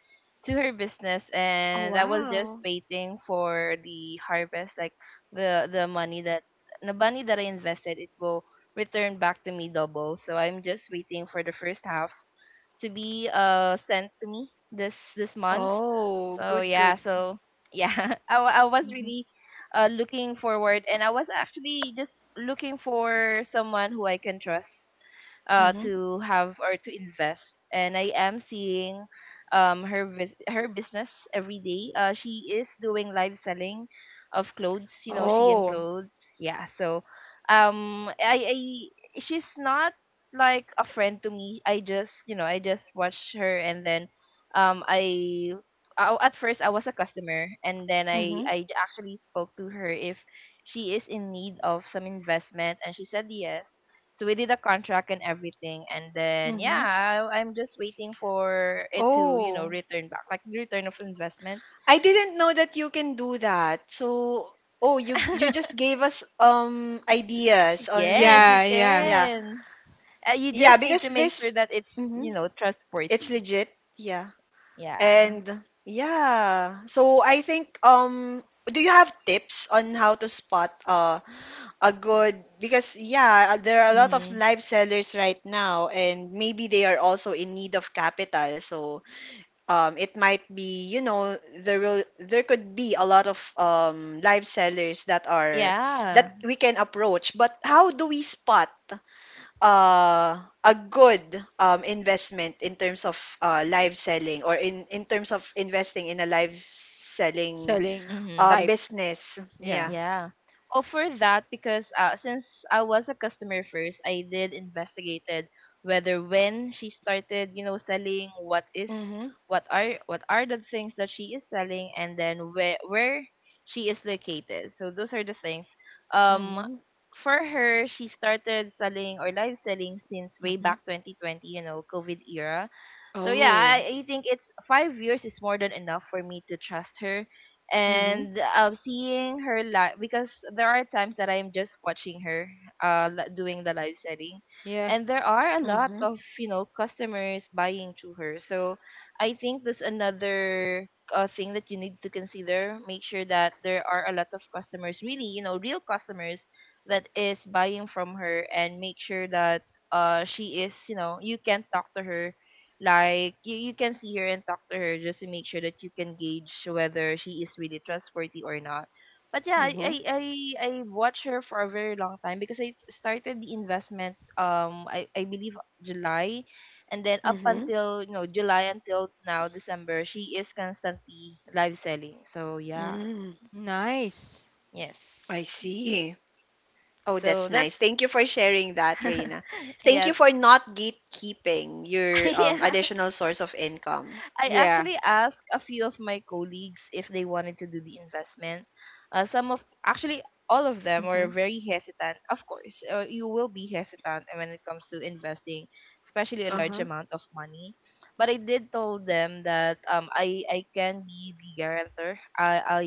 [SPEAKER 3] to her business
[SPEAKER 1] Oh,
[SPEAKER 3] and I was just
[SPEAKER 1] wow.
[SPEAKER 3] waiting for the harvest, like the the money that the money that I invested, it will return back to me double. So I'm just waiting for the first half to be sent to me this month.
[SPEAKER 1] Oh,
[SPEAKER 3] So
[SPEAKER 1] good, good.
[SPEAKER 3] yeah, I was
[SPEAKER 1] Mm-hmm.
[SPEAKER 3] really looking forward, and I was actually just looking for someone who I can trust
[SPEAKER 1] Mm-hmm.
[SPEAKER 3] to have or to invest, and I am seeing her bus her business every day. She is doing live selling of clothes, you know, she and
[SPEAKER 1] Oh.
[SPEAKER 3] clothes. Yeah, so I she's not like a friend to me. I just, you know, I just watched her and then um I at first I was a customer and then
[SPEAKER 1] Mm-hmm.
[SPEAKER 3] I actually spoke to her if she is in need of some investment and she said yes. So we did a contract and everything and then
[SPEAKER 1] Mm-hmm.
[SPEAKER 3] yeah, I'm just waiting for it to, you know,
[SPEAKER 1] Oh.
[SPEAKER 3] return back like the return of investment.
[SPEAKER 1] I didn't know that you can do that. So, oh, you just gave us ideas
[SPEAKER 3] Yes, you
[SPEAKER 1] on
[SPEAKER 2] Yeah, yeah.
[SPEAKER 1] yeah.
[SPEAKER 3] can. You
[SPEAKER 1] Yeah,
[SPEAKER 3] just need
[SPEAKER 1] because
[SPEAKER 3] to make sure
[SPEAKER 1] this
[SPEAKER 3] that it's,
[SPEAKER 1] Mhm.
[SPEAKER 3] you know,
[SPEAKER 1] It's
[SPEAKER 3] trustworthy.
[SPEAKER 1] legit, yeah.
[SPEAKER 3] Yeah.
[SPEAKER 1] And yeah. So I think do you have tips on how to spot a good because yeah, there are a lot of
[SPEAKER 3] Mm-hmm.
[SPEAKER 1] live sellers right now and maybe they are also in need of capital. So it might be, you know, there could be a lot of live sellers that are
[SPEAKER 3] Yeah.
[SPEAKER 1] that we can approach. But how do we spot a good investment in terms of live selling or in terms of investing in a live selling
[SPEAKER 2] Selling
[SPEAKER 3] Mm-hmm.
[SPEAKER 2] type.
[SPEAKER 1] business.
[SPEAKER 2] Yeah.
[SPEAKER 1] Yeah.
[SPEAKER 3] Yeah. Oh, for that, because since I was a customer first, I did investigated whether when she started, you know, selling what is
[SPEAKER 1] Mm-hmm.
[SPEAKER 3] what are what are the things that she is selling, and then where she is located. So those are the things. Um,
[SPEAKER 1] Mm-hmm.
[SPEAKER 3] for her, she started selling or live selling since way
[SPEAKER 1] Mm-hmm.
[SPEAKER 3] back 2020, you know, COVID era. So yeah,
[SPEAKER 1] Oh.
[SPEAKER 3] I think it's 5 years is more than enough for me to trust her
[SPEAKER 1] Mm-hmm.
[SPEAKER 3] and seeing her live because there are times that I'm just watching her doing the live setting,
[SPEAKER 2] Yeah.
[SPEAKER 3] and there are a lot
[SPEAKER 1] Mm-hmm.
[SPEAKER 3] of you know customers buying to her. So I think that's another thing that you need to consider. Make sure that there are a lot of customers, really you know real customers that is buying from her, and make sure that she is you know you can talk to her like you can see her and talk to her just to make sure that you can gauge whether she is really trustworthy or not. But yeah, I
[SPEAKER 1] Mm-hmm.
[SPEAKER 3] I I, I watched her for a very long time because I started the investment I believe July and then up
[SPEAKER 1] Mm-hmm.
[SPEAKER 3] until you know July until now December she is constantly live selling. So yeah,
[SPEAKER 1] Mm.
[SPEAKER 2] Nice.
[SPEAKER 3] yes.
[SPEAKER 1] I see. Oh,
[SPEAKER 3] So
[SPEAKER 1] that's nice.
[SPEAKER 3] that's
[SPEAKER 1] Thank you for sharing that, Reina. Thank you
[SPEAKER 3] yeah.
[SPEAKER 1] for not gatekeeping your
[SPEAKER 3] Yeah.
[SPEAKER 1] additional source of income.
[SPEAKER 3] I
[SPEAKER 2] Yeah.
[SPEAKER 3] actually asked a few of my colleagues if they wanted to do the investment. Some of actually all of them were
[SPEAKER 1] Mm-hmm.
[SPEAKER 3] very hesitant. Of course, you will be hesitant when it comes to investing, especially a large
[SPEAKER 1] Uh-huh.
[SPEAKER 3] amount of money. But I did told them that I can be the guarantor. I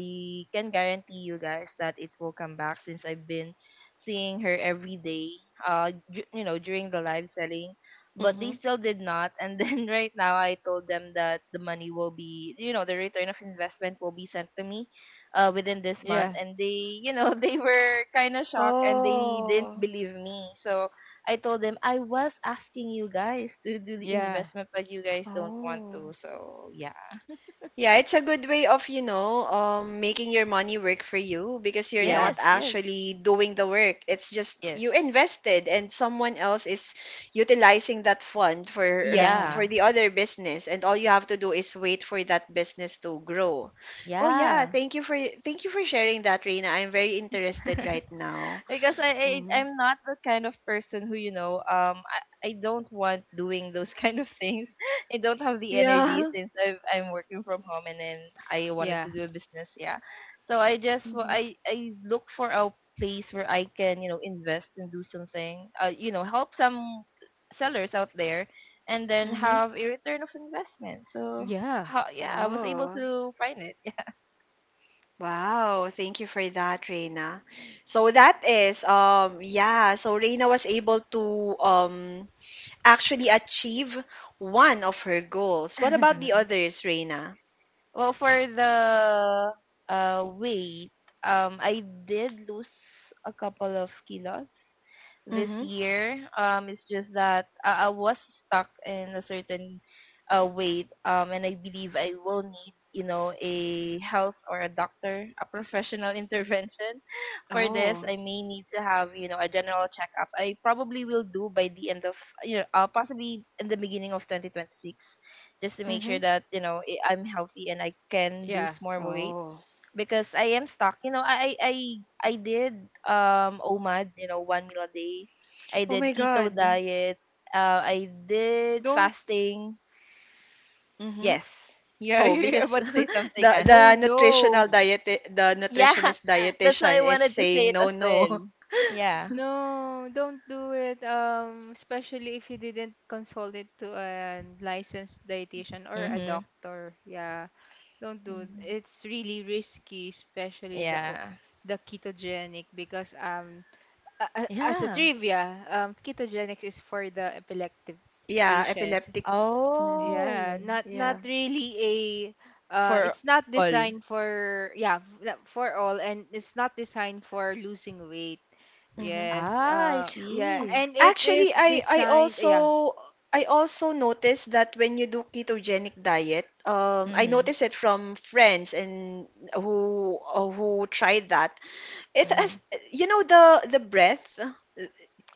[SPEAKER 3] can guarantee you guys that it will come back since I've been seeing her every day. You know during the live selling but they
[SPEAKER 1] Mm-hmm.
[SPEAKER 3] still did not. And then right now, I told them that the money will be, you know, the return of investment will be sent to me within this month.
[SPEAKER 2] Yeah.
[SPEAKER 3] And they, you know, they were kind of shocked and they didn't
[SPEAKER 1] Oh.
[SPEAKER 3] believe me. So I told them I was asking you guys to do the
[SPEAKER 2] Yeah.
[SPEAKER 3] investment, but you guys don't want to.
[SPEAKER 1] Oh.
[SPEAKER 3] So yeah.
[SPEAKER 1] Yeah, it's a good way of, you know, making your money work for you because you're
[SPEAKER 2] Yeah.
[SPEAKER 1] not
[SPEAKER 3] Yes, yes,
[SPEAKER 1] actually doing the work. It's just
[SPEAKER 3] yes.
[SPEAKER 1] you invested and someone else is utilizing that fund for
[SPEAKER 2] Yeah.
[SPEAKER 3] Yeah,
[SPEAKER 1] the other business and all you have to do is wait for that business to grow. Oh yeah,
[SPEAKER 3] yeah.
[SPEAKER 1] thank you for sharing that, Reina. I'm very interested right now.
[SPEAKER 3] Because I, I
[SPEAKER 1] Hmm.
[SPEAKER 3] I'm not the kind of person who you know I don't want doing those kind of things. I don't have the energy
[SPEAKER 1] Yeah.
[SPEAKER 3] since I'm working from home and then I wanted
[SPEAKER 2] Yeah.
[SPEAKER 3] to do a business. Yeah, so I just wa-
[SPEAKER 1] Hmm.
[SPEAKER 3] I look for a place where I can you know invest and do something. You know help some sellers out there and then
[SPEAKER 1] Hmm.
[SPEAKER 3] have a return of investment. So
[SPEAKER 2] Yeah.
[SPEAKER 3] how yeah I was able
[SPEAKER 1] Oh.
[SPEAKER 3] to find it.
[SPEAKER 1] Wow, thank you for that, Reina. So that is yeah, so Reina was able to actually achieve one of her goals. What
[SPEAKER 3] Yeah.
[SPEAKER 1] about the others, Reina?
[SPEAKER 3] Well, for the weight, I did lose a couple of kilos this
[SPEAKER 1] Mm-hmm.
[SPEAKER 3] year. It's just that I was stuck in a certain weight, and I believe I will need, you know, a health or a doctor, a professional intervention for this.
[SPEAKER 1] Oh.
[SPEAKER 3] I may need to have, you know, a general checkup. I probably will do by the end of, you know, possibly in the beginning of 2026, just to make
[SPEAKER 1] Mm-hmm.
[SPEAKER 3] sure that, you know, I'm healthy and I can
[SPEAKER 2] Yeah.
[SPEAKER 3] lose more weight
[SPEAKER 1] Oh.
[SPEAKER 3] because I am stuck. You know, I did OMAD, you know, one meal a day. I
[SPEAKER 1] Oh my
[SPEAKER 3] did keto
[SPEAKER 1] God.
[SPEAKER 3] diet. I did
[SPEAKER 2] Don't—
[SPEAKER 3] fasting.
[SPEAKER 1] Mm-hmm.
[SPEAKER 3] Yes, you're,
[SPEAKER 1] Oh,
[SPEAKER 3] you're
[SPEAKER 1] because
[SPEAKER 3] about to say something, Anne.
[SPEAKER 2] oh
[SPEAKER 1] the nutritional
[SPEAKER 2] no.
[SPEAKER 1] diet the
[SPEAKER 3] Yeah,
[SPEAKER 1] nutritionist
[SPEAKER 3] that's why
[SPEAKER 1] dietitian
[SPEAKER 3] I
[SPEAKER 1] is
[SPEAKER 3] wanted to say
[SPEAKER 1] saying
[SPEAKER 3] it
[SPEAKER 1] no,
[SPEAKER 3] as
[SPEAKER 1] no.
[SPEAKER 3] well. Yeah.
[SPEAKER 2] No, don't do it. Especially if you didn't consult it to a licensed dietitian or a
[SPEAKER 3] Mhm.
[SPEAKER 2] doctor. Yeah. Don't do it.
[SPEAKER 1] Mhm.
[SPEAKER 2] It's really risky, especially the
[SPEAKER 3] Yeah.
[SPEAKER 2] the ketogenic, because as a
[SPEAKER 3] Yeah.
[SPEAKER 2] trivia, ketogenics is for the epileptic
[SPEAKER 1] Yeah,
[SPEAKER 2] patients.
[SPEAKER 1] epileptic. Mm-hmm.
[SPEAKER 2] Yeah,
[SPEAKER 3] Oh,
[SPEAKER 2] not
[SPEAKER 1] Yeah.
[SPEAKER 2] really a,
[SPEAKER 3] for
[SPEAKER 2] it's not
[SPEAKER 3] all.
[SPEAKER 2] designed for, yeah, yeah, for all, and it's not designed for losing weight.
[SPEAKER 1] Mm-hmm.
[SPEAKER 2] Yes.
[SPEAKER 3] Ah, I
[SPEAKER 2] Yeah,
[SPEAKER 1] Oh,
[SPEAKER 3] see.
[SPEAKER 2] and it
[SPEAKER 1] actually,
[SPEAKER 2] is designed, yeah.
[SPEAKER 1] I also noticed that when you do ketogenic diet, I
[SPEAKER 3] Mhm.
[SPEAKER 1] noticed it from friends and who tried that. It
[SPEAKER 3] Mm.
[SPEAKER 1] has, you know, the breath,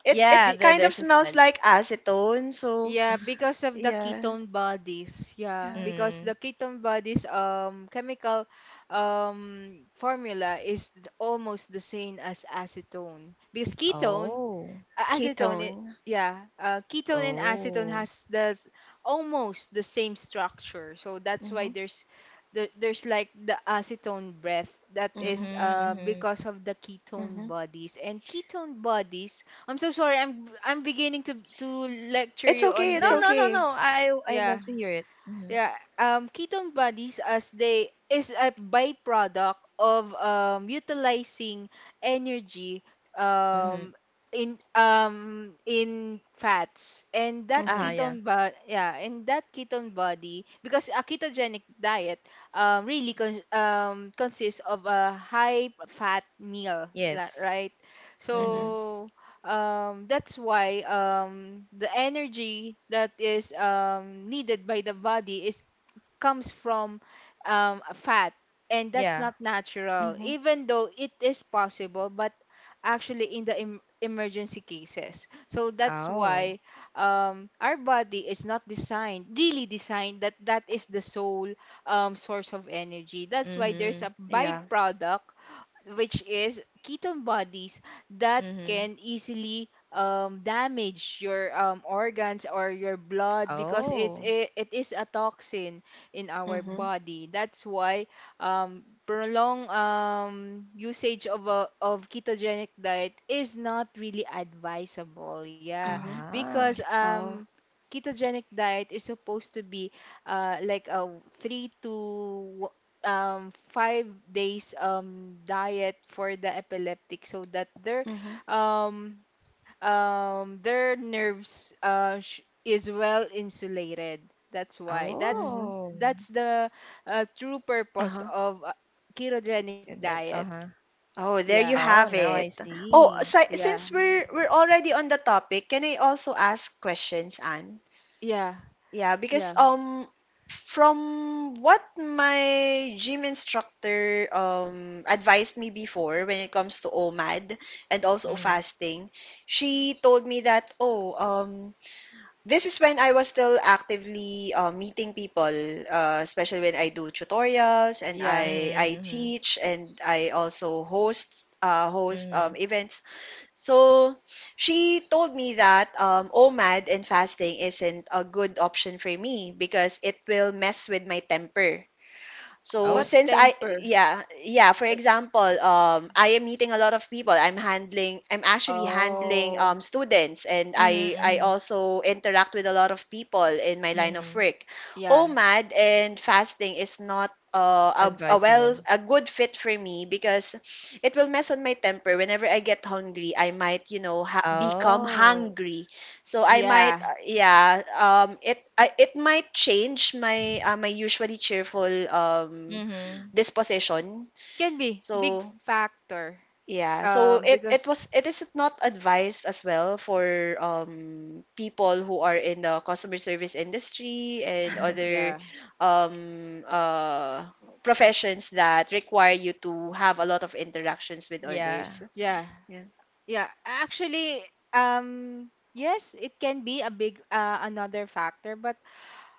[SPEAKER 1] it
[SPEAKER 3] Yeah,
[SPEAKER 2] Be,
[SPEAKER 3] there,
[SPEAKER 1] kind of
[SPEAKER 3] there's a spell.
[SPEAKER 1] smells like acetone. So
[SPEAKER 2] yeah, because of the
[SPEAKER 1] yeah,
[SPEAKER 2] ketone bodies. Yeah,
[SPEAKER 1] yeah,
[SPEAKER 2] because
[SPEAKER 3] Mm.
[SPEAKER 2] the ketone bodies, chemical formula, is almost the same as acetone. Because ketone,
[SPEAKER 3] Oh.
[SPEAKER 2] acetone
[SPEAKER 1] ketone.
[SPEAKER 2] yeah, ketone and acetone
[SPEAKER 3] Oh.
[SPEAKER 2] has the almost the same structure, so that's why
[SPEAKER 1] Mm-hmm,
[SPEAKER 2] there's there's like the acetone breath that
[SPEAKER 1] mm-hmm,
[SPEAKER 2] is,
[SPEAKER 3] Mhm. Mhm.
[SPEAKER 2] because of the ketone
[SPEAKER 1] mm-hmm.
[SPEAKER 2] bodies. And ketone bodies, I'm so sorry, I'm beginning to lecture
[SPEAKER 1] It's
[SPEAKER 2] you
[SPEAKER 1] okay.
[SPEAKER 2] on
[SPEAKER 3] No,
[SPEAKER 1] It's
[SPEAKER 3] no,
[SPEAKER 2] this.
[SPEAKER 3] no, no.
[SPEAKER 1] okay.
[SPEAKER 3] I
[SPEAKER 2] Yeah,
[SPEAKER 3] love to hear it. Mhm.
[SPEAKER 2] yeah. Ketone bodies, as they is a byproduct of, utilizing energy,
[SPEAKER 3] Mhm.
[SPEAKER 2] um, in fats, and that
[SPEAKER 3] Ah,
[SPEAKER 1] Mm-hmm,
[SPEAKER 3] yeah.
[SPEAKER 2] ketone, but yeah, and that ketone body, because a ketogenic diet, really consists of a high fat meal,
[SPEAKER 3] Yes.
[SPEAKER 2] right,
[SPEAKER 1] mm-hmm,
[SPEAKER 3] Mhm.
[SPEAKER 2] so, that's why, the energy that is needed by the body is, comes from, fat, and that's
[SPEAKER 3] Yeah.
[SPEAKER 2] not natural,
[SPEAKER 1] mm-hmm.
[SPEAKER 2] even though it is possible, but actually in the emergency cases, so that's
[SPEAKER 3] Oh.
[SPEAKER 2] why, our body is not, designed, really designed, that that is the sole source of energy, that's why there's
[SPEAKER 3] Mhm.
[SPEAKER 2] a
[SPEAKER 1] Yeah.
[SPEAKER 2] byproduct, which is ketone bodies, that
[SPEAKER 3] Mhm.
[SPEAKER 2] can easily damage your organs or your blood, because
[SPEAKER 3] Oh.
[SPEAKER 2] it it is a toxin in our
[SPEAKER 1] Mm-hmm,
[SPEAKER 2] body. That's why prolonged usage of a, of ketogenic diet is not really advisable. Yeah,
[SPEAKER 1] mm-hmm.
[SPEAKER 2] because
[SPEAKER 3] Ah.
[SPEAKER 1] Oh.
[SPEAKER 2] ketogenic diet is supposed to be like a three to 5 days diet for the epileptic so that
[SPEAKER 1] Mm-hmm,
[SPEAKER 2] um their nerves is well insulated. That's why
[SPEAKER 1] mm-hmm.
[SPEAKER 3] Oh.
[SPEAKER 2] that's the true purpose
[SPEAKER 1] Uh-huh.
[SPEAKER 2] of ketogenic
[SPEAKER 3] Get that.
[SPEAKER 2] diet.
[SPEAKER 3] Uh-huh.
[SPEAKER 1] Oh, there
[SPEAKER 2] Yeah.
[SPEAKER 1] you
[SPEAKER 3] Oh,
[SPEAKER 1] have
[SPEAKER 3] now I
[SPEAKER 1] it. Oh,
[SPEAKER 3] see.
[SPEAKER 2] Yeah.
[SPEAKER 1] since we're already on the topic, can I also ask questions, Anne?
[SPEAKER 2] Yeah.
[SPEAKER 1] Yeah, because
[SPEAKER 2] Yeah.
[SPEAKER 1] from what my gym instructor advised me before when it comes to OMAD and also
[SPEAKER 3] Mhm.
[SPEAKER 1] fasting, she told me that this is when I was still actively meeting people, especially when I do tutorials and
[SPEAKER 2] Yeah.
[SPEAKER 1] I
[SPEAKER 3] Mhm. Mhm.
[SPEAKER 1] teach and I also host host
[SPEAKER 3] Mhm.
[SPEAKER 1] events. So she told me that OMAD and fasting isn't a good option for me because it will mess with my temper. So
[SPEAKER 3] Oh.
[SPEAKER 2] What
[SPEAKER 1] since I
[SPEAKER 2] temper?
[SPEAKER 1] yeah, yeah, for
[SPEAKER 2] Uh,
[SPEAKER 1] example, I am meeting a lot of people. I'm actually handling
[SPEAKER 2] oh.
[SPEAKER 1] students and
[SPEAKER 3] Mhm.
[SPEAKER 1] I
[SPEAKER 3] Mhm.
[SPEAKER 1] also interact with a lot of people in my line of
[SPEAKER 3] Mhm.
[SPEAKER 1] work.
[SPEAKER 2] Yeah.
[SPEAKER 1] OMAD and fasting is not a
[SPEAKER 3] Advisable.
[SPEAKER 1] a good fit for me because it will mess on my temper whenever I get hungry I might you know become
[SPEAKER 3] Oh.
[SPEAKER 1] hungry so I might,
[SPEAKER 2] Yeah,
[SPEAKER 1] it might change my my usually cheerful
[SPEAKER 3] Mhm.
[SPEAKER 1] disposition.
[SPEAKER 2] can be big
[SPEAKER 1] So
[SPEAKER 2] factor.
[SPEAKER 1] yeah, so it it
[SPEAKER 2] Because
[SPEAKER 1] was it is not advised as well for people who are in the customer service industry and other
[SPEAKER 2] yeah.
[SPEAKER 1] um, uh, professions that require you to have a lot of interactions with
[SPEAKER 3] Yeah.
[SPEAKER 1] others.
[SPEAKER 2] Yeah.
[SPEAKER 1] Yeah.
[SPEAKER 2] Yeah, actually, yes, it can be a big another factor, but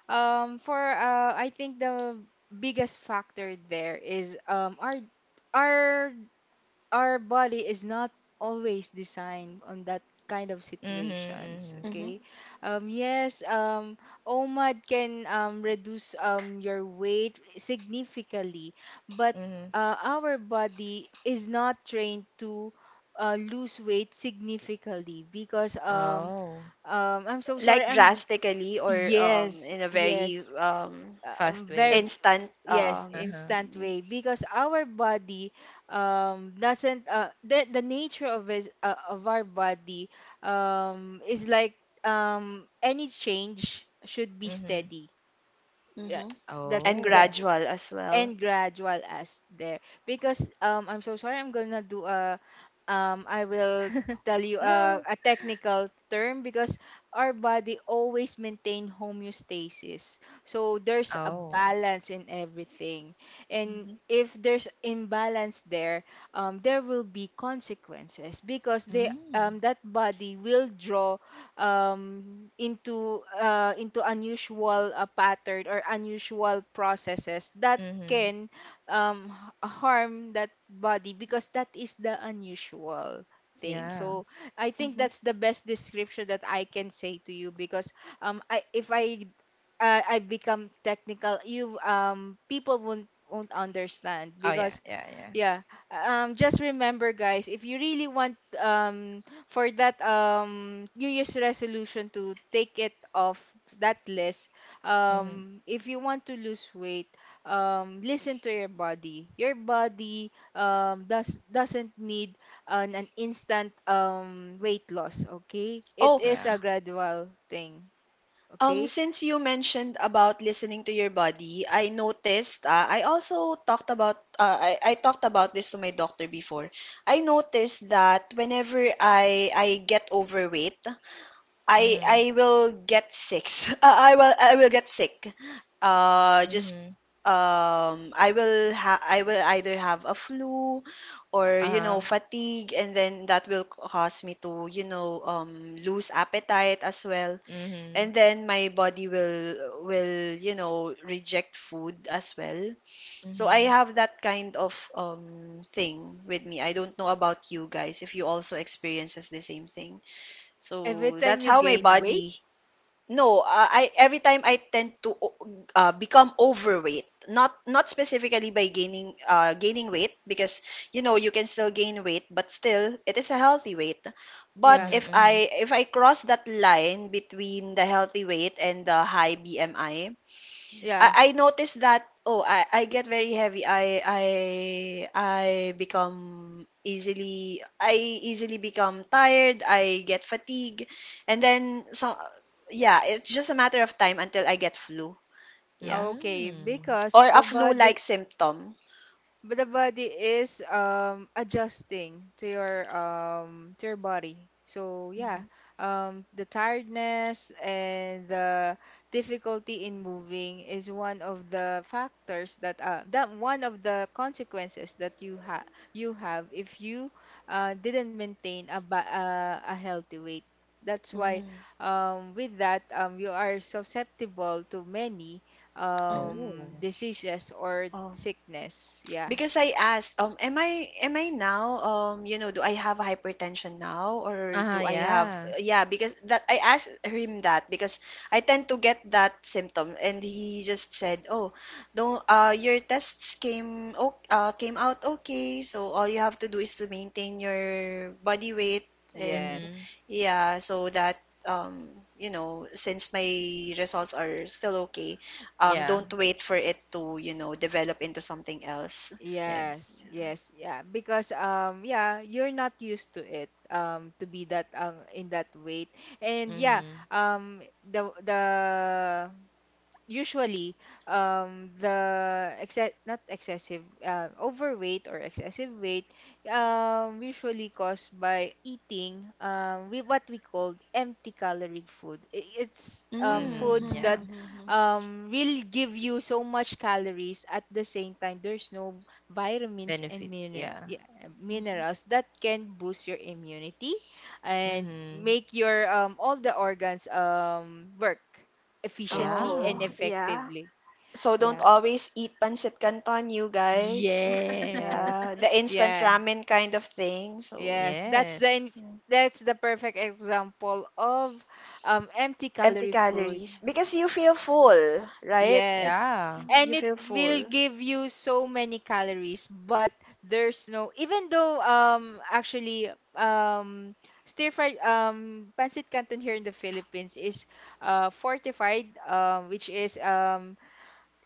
[SPEAKER 2] for I think the biggest factor there is our our body is not always designed on that kind of situations,
[SPEAKER 3] Mhm. Mhm.
[SPEAKER 1] Hmm.
[SPEAKER 2] okay? Yes. OMAD can reduce your weight significantly, but
[SPEAKER 3] Mhm.
[SPEAKER 2] our body is not trained to lose weight significantly because
[SPEAKER 3] Oh,
[SPEAKER 2] i'm so sorry
[SPEAKER 1] Like
[SPEAKER 2] i'm
[SPEAKER 1] drastically or
[SPEAKER 2] yes,
[SPEAKER 1] in a very
[SPEAKER 2] yes,
[SPEAKER 3] fast
[SPEAKER 2] very
[SPEAKER 3] way.
[SPEAKER 1] instant
[SPEAKER 2] yes,
[SPEAKER 3] Uh-huh.
[SPEAKER 2] instant way because our body doesn't the nature of is of our body is like any change should be
[SPEAKER 3] Mm-hmm.
[SPEAKER 2] steady. Yeah.
[SPEAKER 1] mhm,
[SPEAKER 2] that's
[SPEAKER 1] and
[SPEAKER 2] that
[SPEAKER 3] Oh.
[SPEAKER 1] gradual as well.
[SPEAKER 2] And gradual as there because I'm so sorry. I'm gonna do a I will tell you a,
[SPEAKER 3] No.
[SPEAKER 2] a technical term because our body always maintain homeostasis, so there's a
[SPEAKER 3] Oh.
[SPEAKER 2] balance in everything. And
[SPEAKER 1] Mhm.
[SPEAKER 2] if there's imbalance there, there will be consequences because they
[SPEAKER 3] Mm.
[SPEAKER 2] that body will draw into unusual pattern or unusual processes that
[SPEAKER 3] Mm-hmm.
[SPEAKER 2] can um harm that body because that is the unusual thing.
[SPEAKER 3] Yeah.
[SPEAKER 2] So I think
[SPEAKER 1] Mm-hmm.
[SPEAKER 2] that's the best description that I can say to you because I if I I become technical, you people won't understand
[SPEAKER 3] Oh yeah,
[SPEAKER 2] because
[SPEAKER 3] yeah, yeah.
[SPEAKER 2] yeah. Just remember guys, if you really want for that New Year's resolution to take it off that list,
[SPEAKER 3] Mm-hmm.
[SPEAKER 2] if you want to lose weight, listen to your body. Your body doesn't need an instant weight loss, okay? It
[SPEAKER 1] Oh,
[SPEAKER 2] is
[SPEAKER 3] Yeah.
[SPEAKER 2] a gradual thing, okay?
[SPEAKER 1] since you mentioned about listening to your body, I noticed. I also talked about. I talked about this to my doctor before. I noticed that whenever I get overweight, I
[SPEAKER 3] Mm-hmm.
[SPEAKER 1] I will get sick. I will get sick. Just
[SPEAKER 3] Mm-hmm.
[SPEAKER 1] I will either have a flu or
[SPEAKER 3] Uh-huh.
[SPEAKER 1] fatigue, and then that will cause me to lose appetite as well,
[SPEAKER 3] Mm-hmm.
[SPEAKER 1] and then my body will reject food as well. So I
[SPEAKER 3] Mm-hmm.
[SPEAKER 1] have that kind of thing with me. I don't know about you guys if you also experiences the same thing. So
[SPEAKER 2] Every time
[SPEAKER 1] that's
[SPEAKER 2] you
[SPEAKER 1] how my
[SPEAKER 2] gain weight,
[SPEAKER 1] body. No, I every time I tend to become overweight. Not specifically by gaining gaining weight because you know you can still gain weight, but still it is a healthy weight. But
[SPEAKER 2] yeah.
[SPEAKER 1] if
[SPEAKER 3] Mm-hmm. Hmm.
[SPEAKER 1] I if I cross that line between the healthy weight and the high BMI,
[SPEAKER 2] Yeah.
[SPEAKER 1] I noticed that oh I get very heavy. I I easily become tired. I get fatigue, and then so yeah, it's just a matter of time until I get flu. Yeah,
[SPEAKER 2] Okay,
[SPEAKER 3] Mm.
[SPEAKER 2] because
[SPEAKER 1] or a
[SPEAKER 2] the
[SPEAKER 1] flu-like
[SPEAKER 2] body,
[SPEAKER 1] symptom.
[SPEAKER 2] but the body is adjusting to your body. So yeah,
[SPEAKER 1] Mm-hmm.
[SPEAKER 2] the tiredness and the difficulty in moving is one of the factors that one of the consequences that you have if you didn't maintain a a healthy weight. That's why with that you are susceptible to many
[SPEAKER 1] Mm-hmm.
[SPEAKER 3] Oh.
[SPEAKER 2] diseases or
[SPEAKER 1] Oh.
[SPEAKER 2] sickness, yeah.
[SPEAKER 1] Because I asked, am I now, do I have hypertension now or
[SPEAKER 3] Uh-huh,
[SPEAKER 1] do I have,
[SPEAKER 3] yeah.
[SPEAKER 1] yeah, because that I asked him that because I tend to get that symptom and he just said, oh, don't, your tests came out okay, so all you have to do is to maintain your body weight and
[SPEAKER 3] Mm-hmm.
[SPEAKER 2] Yes.
[SPEAKER 1] yeah, so that. Since my results are still okay,
[SPEAKER 3] Yeah.
[SPEAKER 1] don't wait for it to, you know, develop into something else.
[SPEAKER 3] Yes.
[SPEAKER 2] Yes. Yes. Yeah. Because yeah, you're not used to it to be that in that weight. And yeah,
[SPEAKER 3] Mm-hmm.
[SPEAKER 2] the usually not excessive overweight or excessive weight usually caused by eating we what we call empty calorie food. I- it's
[SPEAKER 1] Mm,
[SPEAKER 3] Mm-hmm.
[SPEAKER 2] Foods
[SPEAKER 3] Yeah.
[SPEAKER 2] that
[SPEAKER 1] mhm, mhm,
[SPEAKER 2] will give you so much calories at the same time there's no vitamins
[SPEAKER 3] Benefit.
[SPEAKER 2] and
[SPEAKER 3] Yeah.
[SPEAKER 1] mhm.
[SPEAKER 2] minerals that can boost your immunity and
[SPEAKER 3] Mm-hmm.
[SPEAKER 2] make your all the organs work efficiently
[SPEAKER 3] Yeah.
[SPEAKER 2] and
[SPEAKER 1] Oh, yeah.
[SPEAKER 2] effectively.
[SPEAKER 1] So don't
[SPEAKER 2] Yeah.
[SPEAKER 1] always eat pancit canton, you guys.
[SPEAKER 2] Yes.
[SPEAKER 1] Yeah, the instant
[SPEAKER 2] Yeah.
[SPEAKER 1] ramen kind of thing. So,
[SPEAKER 2] Yes.
[SPEAKER 3] Yes.
[SPEAKER 1] yeah.
[SPEAKER 2] That's the perfect example of empty
[SPEAKER 1] Empty
[SPEAKER 2] calorie food.
[SPEAKER 1] calories because you feel full, right?
[SPEAKER 2] Yes.
[SPEAKER 3] Yeah.
[SPEAKER 2] And
[SPEAKER 1] You
[SPEAKER 2] it
[SPEAKER 1] feel
[SPEAKER 2] will
[SPEAKER 1] full.
[SPEAKER 2] give you so many calories, but there's no even though actually stir fried pancit canton here in the Philippines is fortified, which is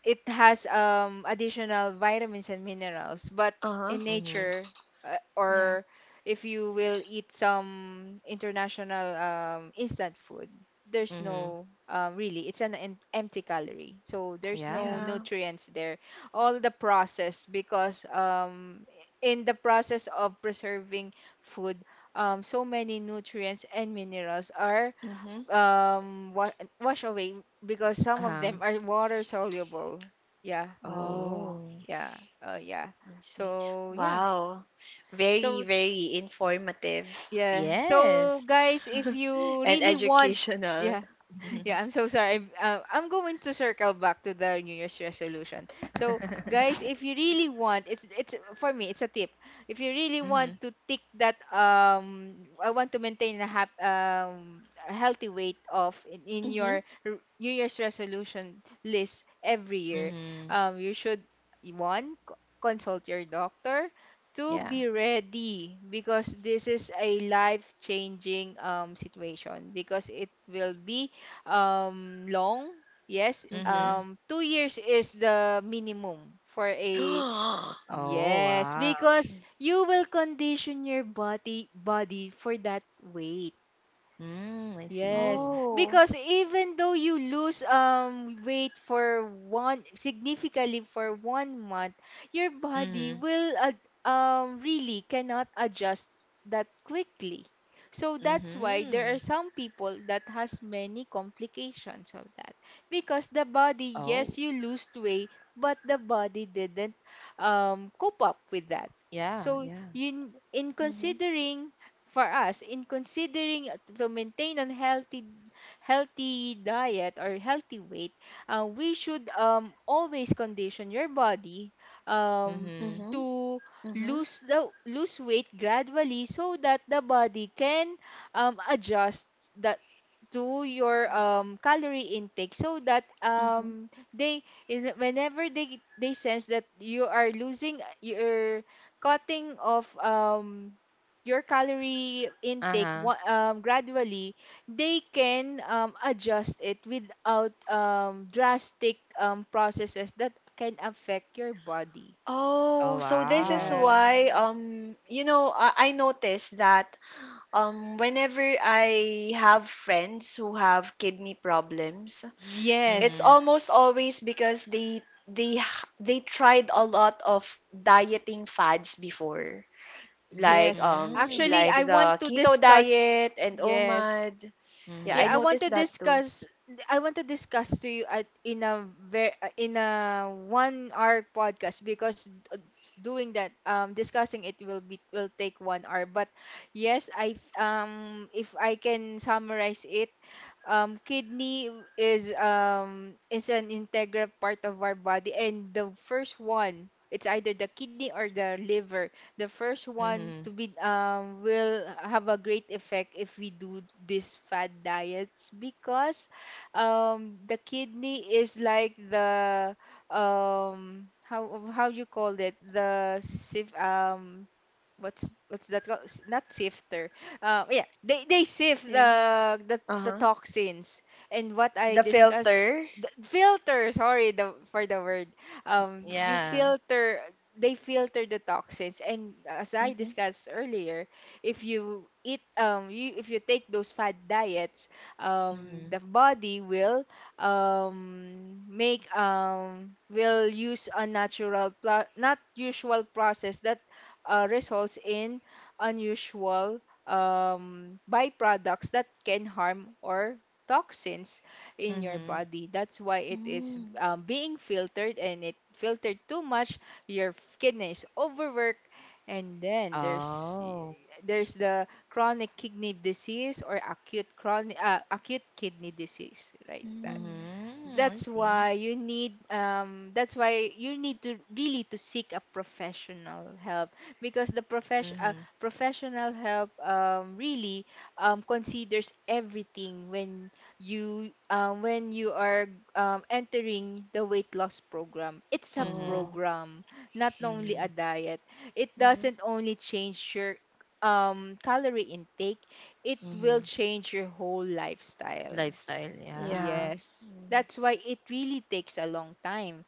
[SPEAKER 2] it has additional vitamins and minerals, but
[SPEAKER 1] Uh-huh.
[SPEAKER 2] in
[SPEAKER 3] Mhm.
[SPEAKER 2] nature
[SPEAKER 1] Yeah.
[SPEAKER 2] or if you will eat some international instant food, there's
[SPEAKER 3] Mhm.
[SPEAKER 2] no really, it's empty calorie, so there's
[SPEAKER 3] Yeah.
[SPEAKER 2] no
[SPEAKER 1] Yeah.
[SPEAKER 2] nutrients there. All the process because in the process of preserving food, so many nutrients and minerals are
[SPEAKER 1] Mm-hmm.
[SPEAKER 2] um wa- wash away because some of
[SPEAKER 3] Uh-huh.
[SPEAKER 2] them are water soluble. Yeah.
[SPEAKER 1] Oh,
[SPEAKER 3] Oh.
[SPEAKER 2] Yeah, yeah.
[SPEAKER 1] I see.
[SPEAKER 2] So yeah,
[SPEAKER 1] Wow. Very,
[SPEAKER 2] so
[SPEAKER 1] very informative
[SPEAKER 2] yeah,
[SPEAKER 3] Yes.
[SPEAKER 2] so guys, if you
[SPEAKER 1] and
[SPEAKER 2] really want,
[SPEAKER 1] educational.
[SPEAKER 2] yeah. Yeah, I'm so sorry. I'm going to circle back to the New Year's resolution. So, guys, if you really want, it's for me, it's a tip. If you really
[SPEAKER 3] Mhm.
[SPEAKER 2] want to tick that, I want to maintain a hap, a healthy weight in
[SPEAKER 1] Mm-hmm.
[SPEAKER 2] your New Year's resolution list every year,
[SPEAKER 3] Mhm.
[SPEAKER 2] you should consult your doctor. To
[SPEAKER 3] Yeah.
[SPEAKER 2] be ready, because this is a life-changing situation because it will be long. Yes,
[SPEAKER 1] Mm-hmm.
[SPEAKER 3] Mhm.
[SPEAKER 2] 2 years is the minimum for a
[SPEAKER 3] Oh,
[SPEAKER 2] yes,
[SPEAKER 3] wow.
[SPEAKER 2] because you will condition your body for that weight.
[SPEAKER 3] Mm, I
[SPEAKER 2] Yes,
[SPEAKER 3] see.
[SPEAKER 1] Oh.
[SPEAKER 2] because even though you lose weight for one significantly for one month, your body
[SPEAKER 3] Mhm.
[SPEAKER 2] will really cannot adjust that quickly. So that's why there
[SPEAKER 3] Mhm.
[SPEAKER 2] are some people that has many complications of that because the body,
[SPEAKER 3] Oh.
[SPEAKER 2] yes, you lose weight, but the body didn't cope up with that.
[SPEAKER 3] Yeah,
[SPEAKER 2] So
[SPEAKER 3] yeah.
[SPEAKER 2] you in
[SPEAKER 1] Mhm,
[SPEAKER 2] considering for us in considering to maintain a healthy, healthy diet or healthy weight, we should always condition your body um,
[SPEAKER 3] Mhm.
[SPEAKER 1] mhm,
[SPEAKER 2] to
[SPEAKER 1] mhm,
[SPEAKER 2] lose weight gradually so that the body can adjust that to your calorie intake so that
[SPEAKER 1] mhm.
[SPEAKER 2] whenever they sense that you are losing you're cutting off your calorie intake
[SPEAKER 3] Uh-huh.
[SPEAKER 2] gradually, they can adjust it without drastic processes that can affect your body.
[SPEAKER 3] Oh,
[SPEAKER 1] Oh, so this is
[SPEAKER 3] wow.
[SPEAKER 2] Yeah.
[SPEAKER 1] why I noticed that whenever I have friends who have kidney problems,
[SPEAKER 2] Yes.
[SPEAKER 1] it's
[SPEAKER 3] Mhm.
[SPEAKER 1] almost always because they tried a lot of dieting fads before.
[SPEAKER 2] Yes. Actually, I
[SPEAKER 1] Like
[SPEAKER 3] Mm.
[SPEAKER 2] want
[SPEAKER 1] the
[SPEAKER 2] to
[SPEAKER 1] keto
[SPEAKER 2] discuss.
[SPEAKER 1] diet and
[SPEAKER 2] Yes.
[SPEAKER 1] OMAD. Yeah, I
[SPEAKER 2] Yeah, I
[SPEAKER 3] Mhm.
[SPEAKER 2] want to
[SPEAKER 1] noticed that too.
[SPEAKER 2] discuss, I want to discuss to you at in a ver, in a 1 hour podcast because doing that discussing it will be, will take 1 hour. But yes, I if I can summarize it, kidney is an integral part of our body and the first one, it's either the kidney or the liver, the first one
[SPEAKER 3] Mhm.
[SPEAKER 2] to be will have a great effect if we do this fad diets because the kidney is like the um how how you call it, the sieve. What's that called? Not sifter. Yeah, they sift
[SPEAKER 1] Yeah.
[SPEAKER 2] the
[SPEAKER 1] Uh-huh.
[SPEAKER 2] toxins and what I
[SPEAKER 1] The
[SPEAKER 2] discussed
[SPEAKER 1] filter.
[SPEAKER 2] the filter. Sorry, the for the word. You
[SPEAKER 3] Yeah.
[SPEAKER 2] filter, they filter the toxins. And as I
[SPEAKER 1] Mhm.
[SPEAKER 2] discussed earlier, if you eat, you if you take those fad diets,
[SPEAKER 3] Mhm.
[SPEAKER 2] the body will make will use unnatural not usual process that results in unusual byproducts that can harm, or toxins in your
[SPEAKER 3] Mhm.
[SPEAKER 2] body. That's why it is
[SPEAKER 1] Mm,
[SPEAKER 2] being filtered, and it filtered too much, your kidney is overworked, and then
[SPEAKER 3] Oh.
[SPEAKER 2] there's the chronic kidney disease or acute kidney disease, right?
[SPEAKER 1] mm.
[SPEAKER 3] Mhm. I
[SPEAKER 2] That's
[SPEAKER 3] see.
[SPEAKER 2] why you need, that's why you need to really to seek a professional help because the
[SPEAKER 3] Mhm.
[SPEAKER 2] professional help really considers everything when you are entering the weight loss program. It's a
[SPEAKER 3] Mhm.
[SPEAKER 1] Oh,
[SPEAKER 2] program, not only a
[SPEAKER 3] Mhm,
[SPEAKER 2] diet. It
[SPEAKER 1] mhm.
[SPEAKER 2] doesn't only change your calorie intake, it will
[SPEAKER 3] mhm.
[SPEAKER 2] change your whole lifestyle.
[SPEAKER 3] Lifestyle,
[SPEAKER 1] Yeah.
[SPEAKER 3] yeah.
[SPEAKER 2] Yes.
[SPEAKER 1] Mm,
[SPEAKER 2] That's why it really takes a long time.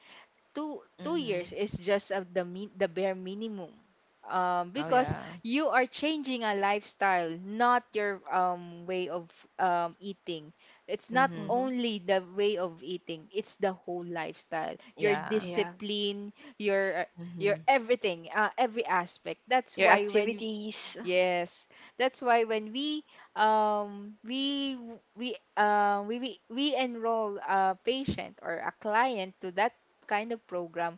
[SPEAKER 2] Two years
[SPEAKER 3] Mhm.
[SPEAKER 2] is just the bare minimum
[SPEAKER 3] Oh
[SPEAKER 2] because
[SPEAKER 3] yeah.
[SPEAKER 2] you are changing a lifestyle, not your way of eating. It's not
[SPEAKER 3] Mhm.
[SPEAKER 1] mhm.
[SPEAKER 2] only the way of eating, it's the whole lifestyle, your
[SPEAKER 3] Yeah.
[SPEAKER 1] Yeah.
[SPEAKER 2] discipline, your your
[SPEAKER 3] Mhm.
[SPEAKER 2] everything, every aspect. That's
[SPEAKER 1] Your
[SPEAKER 2] why when
[SPEAKER 1] activities.
[SPEAKER 2] yes, that's why when we we enroll a patient or a client to that kind of program,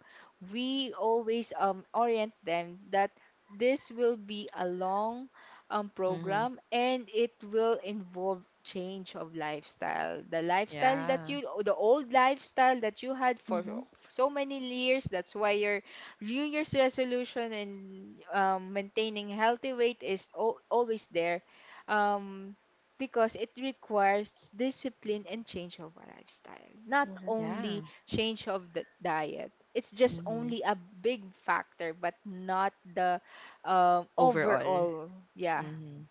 [SPEAKER 2] we always orient them that this will be a long
[SPEAKER 3] Mhm.
[SPEAKER 2] program and it will involve change of lifestyle. The lifestyle that
[SPEAKER 3] Yeah.
[SPEAKER 2] you, the old lifestyle that you had for
[SPEAKER 1] Mhm.
[SPEAKER 2] so many years, that's why your New Year's resolution and maintaining healthy weight is al always there. Um, because it requires discipline and change of our lifestyle. Not
[SPEAKER 1] Mhm.
[SPEAKER 2] only
[SPEAKER 3] Yeah.
[SPEAKER 2] change of the diet. It's just
[SPEAKER 3] Mhm.
[SPEAKER 2] only a big factor, but not the
[SPEAKER 3] Overall.
[SPEAKER 2] overall. Yeah,
[SPEAKER 3] Mhm.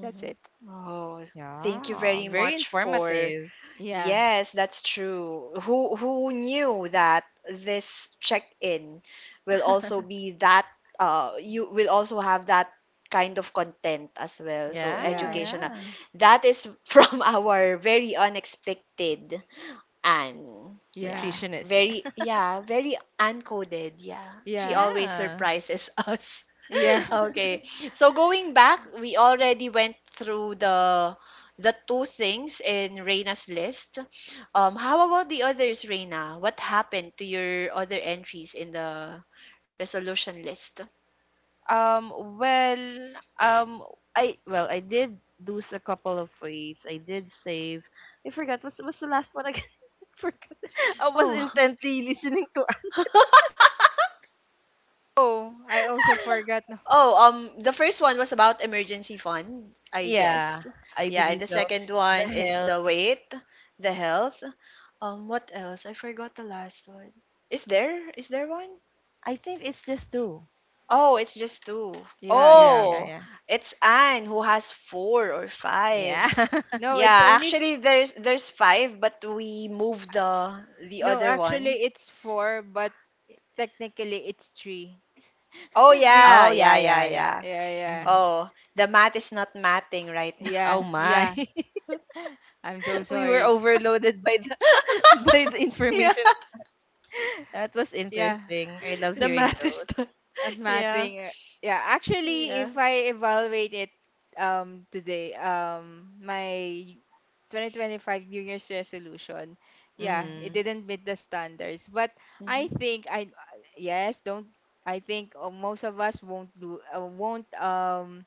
[SPEAKER 2] that's it.
[SPEAKER 1] Oh, thank you
[SPEAKER 3] Yeah.
[SPEAKER 1] very
[SPEAKER 3] Very
[SPEAKER 1] much for.
[SPEAKER 3] informative.
[SPEAKER 2] Yeah,
[SPEAKER 1] Yes, that's true. Who knew that this check-in will also be that you will also have that kind of content as well. So
[SPEAKER 3] Yeah,
[SPEAKER 2] yeah,
[SPEAKER 1] educational.
[SPEAKER 3] yeah.
[SPEAKER 1] That is from our very unexpected Anne.
[SPEAKER 2] yeah,
[SPEAKER 1] Yeah.
[SPEAKER 3] Nutritionist.
[SPEAKER 1] Very, yeah, very uncoded. Yeah. She
[SPEAKER 2] yeah,
[SPEAKER 1] always
[SPEAKER 3] Yeah.
[SPEAKER 1] surprises us.
[SPEAKER 2] yeah.
[SPEAKER 1] Okay. So going back, we already went through the two things in Reina's list. How about the others, Reina? What happened to your other entries in the resolution list?
[SPEAKER 3] Um, well, um, I did lose a couple of weights. I did save. I forgot. What's the last one again? I forgot. I was
[SPEAKER 1] Oh.
[SPEAKER 3] intently listening to.
[SPEAKER 2] Oh, I also forgot. No,
[SPEAKER 1] Oh, the first one was about emergency fund, I
[SPEAKER 3] Yeah,
[SPEAKER 1] guess.
[SPEAKER 3] I
[SPEAKER 1] Yeah, and
[SPEAKER 3] believe
[SPEAKER 1] the
[SPEAKER 3] so.
[SPEAKER 1] second
[SPEAKER 3] The
[SPEAKER 1] one is
[SPEAKER 3] health.
[SPEAKER 1] the weight, the health. What else? I forgot the last one. Is there? Is there one?
[SPEAKER 3] I think it's just two.
[SPEAKER 1] Oh, it's just two.
[SPEAKER 2] yeah,
[SPEAKER 3] Yeah,
[SPEAKER 2] yeah.
[SPEAKER 3] yeah,
[SPEAKER 1] Oh,
[SPEAKER 3] yeah,
[SPEAKER 1] it's Anne who has four or five.
[SPEAKER 3] yeah.
[SPEAKER 2] No, it's
[SPEAKER 1] Yeah,
[SPEAKER 2] only f-
[SPEAKER 1] actually there's five, but we moved the
[SPEAKER 2] no.
[SPEAKER 1] other one.
[SPEAKER 2] Actually, it's four, but technically it's three.
[SPEAKER 1] Oh
[SPEAKER 2] Be-
[SPEAKER 1] yeah,
[SPEAKER 3] Oh yeah,
[SPEAKER 1] yeah, yeah,
[SPEAKER 3] yeah, yeah.
[SPEAKER 1] yeah.
[SPEAKER 2] Yeah, yeah,
[SPEAKER 3] Mhm.
[SPEAKER 1] Oh, the math is not matting right now.
[SPEAKER 3] Oh
[SPEAKER 2] yeah,
[SPEAKER 3] my,
[SPEAKER 2] yeah. I'm so
[SPEAKER 3] we were
[SPEAKER 2] sorry.
[SPEAKER 3] overloaded by the by the
[SPEAKER 1] Yeah.
[SPEAKER 3] information. That was
[SPEAKER 2] Yeah,
[SPEAKER 3] interesting. I love
[SPEAKER 1] The
[SPEAKER 2] to
[SPEAKER 3] hearing
[SPEAKER 1] math is
[SPEAKER 3] those.
[SPEAKER 1] the.
[SPEAKER 2] at
[SPEAKER 1] Yeah,
[SPEAKER 2] mapping yeah, actually,
[SPEAKER 1] yeah.
[SPEAKER 2] if I evaluate it today, my 2025 New Year's resolution, yeah, it
[SPEAKER 3] Mhm.
[SPEAKER 2] didn't meet the standards. But I
[SPEAKER 1] Hmm.
[SPEAKER 2] think I, yes, don't, I think most of us won't do, won't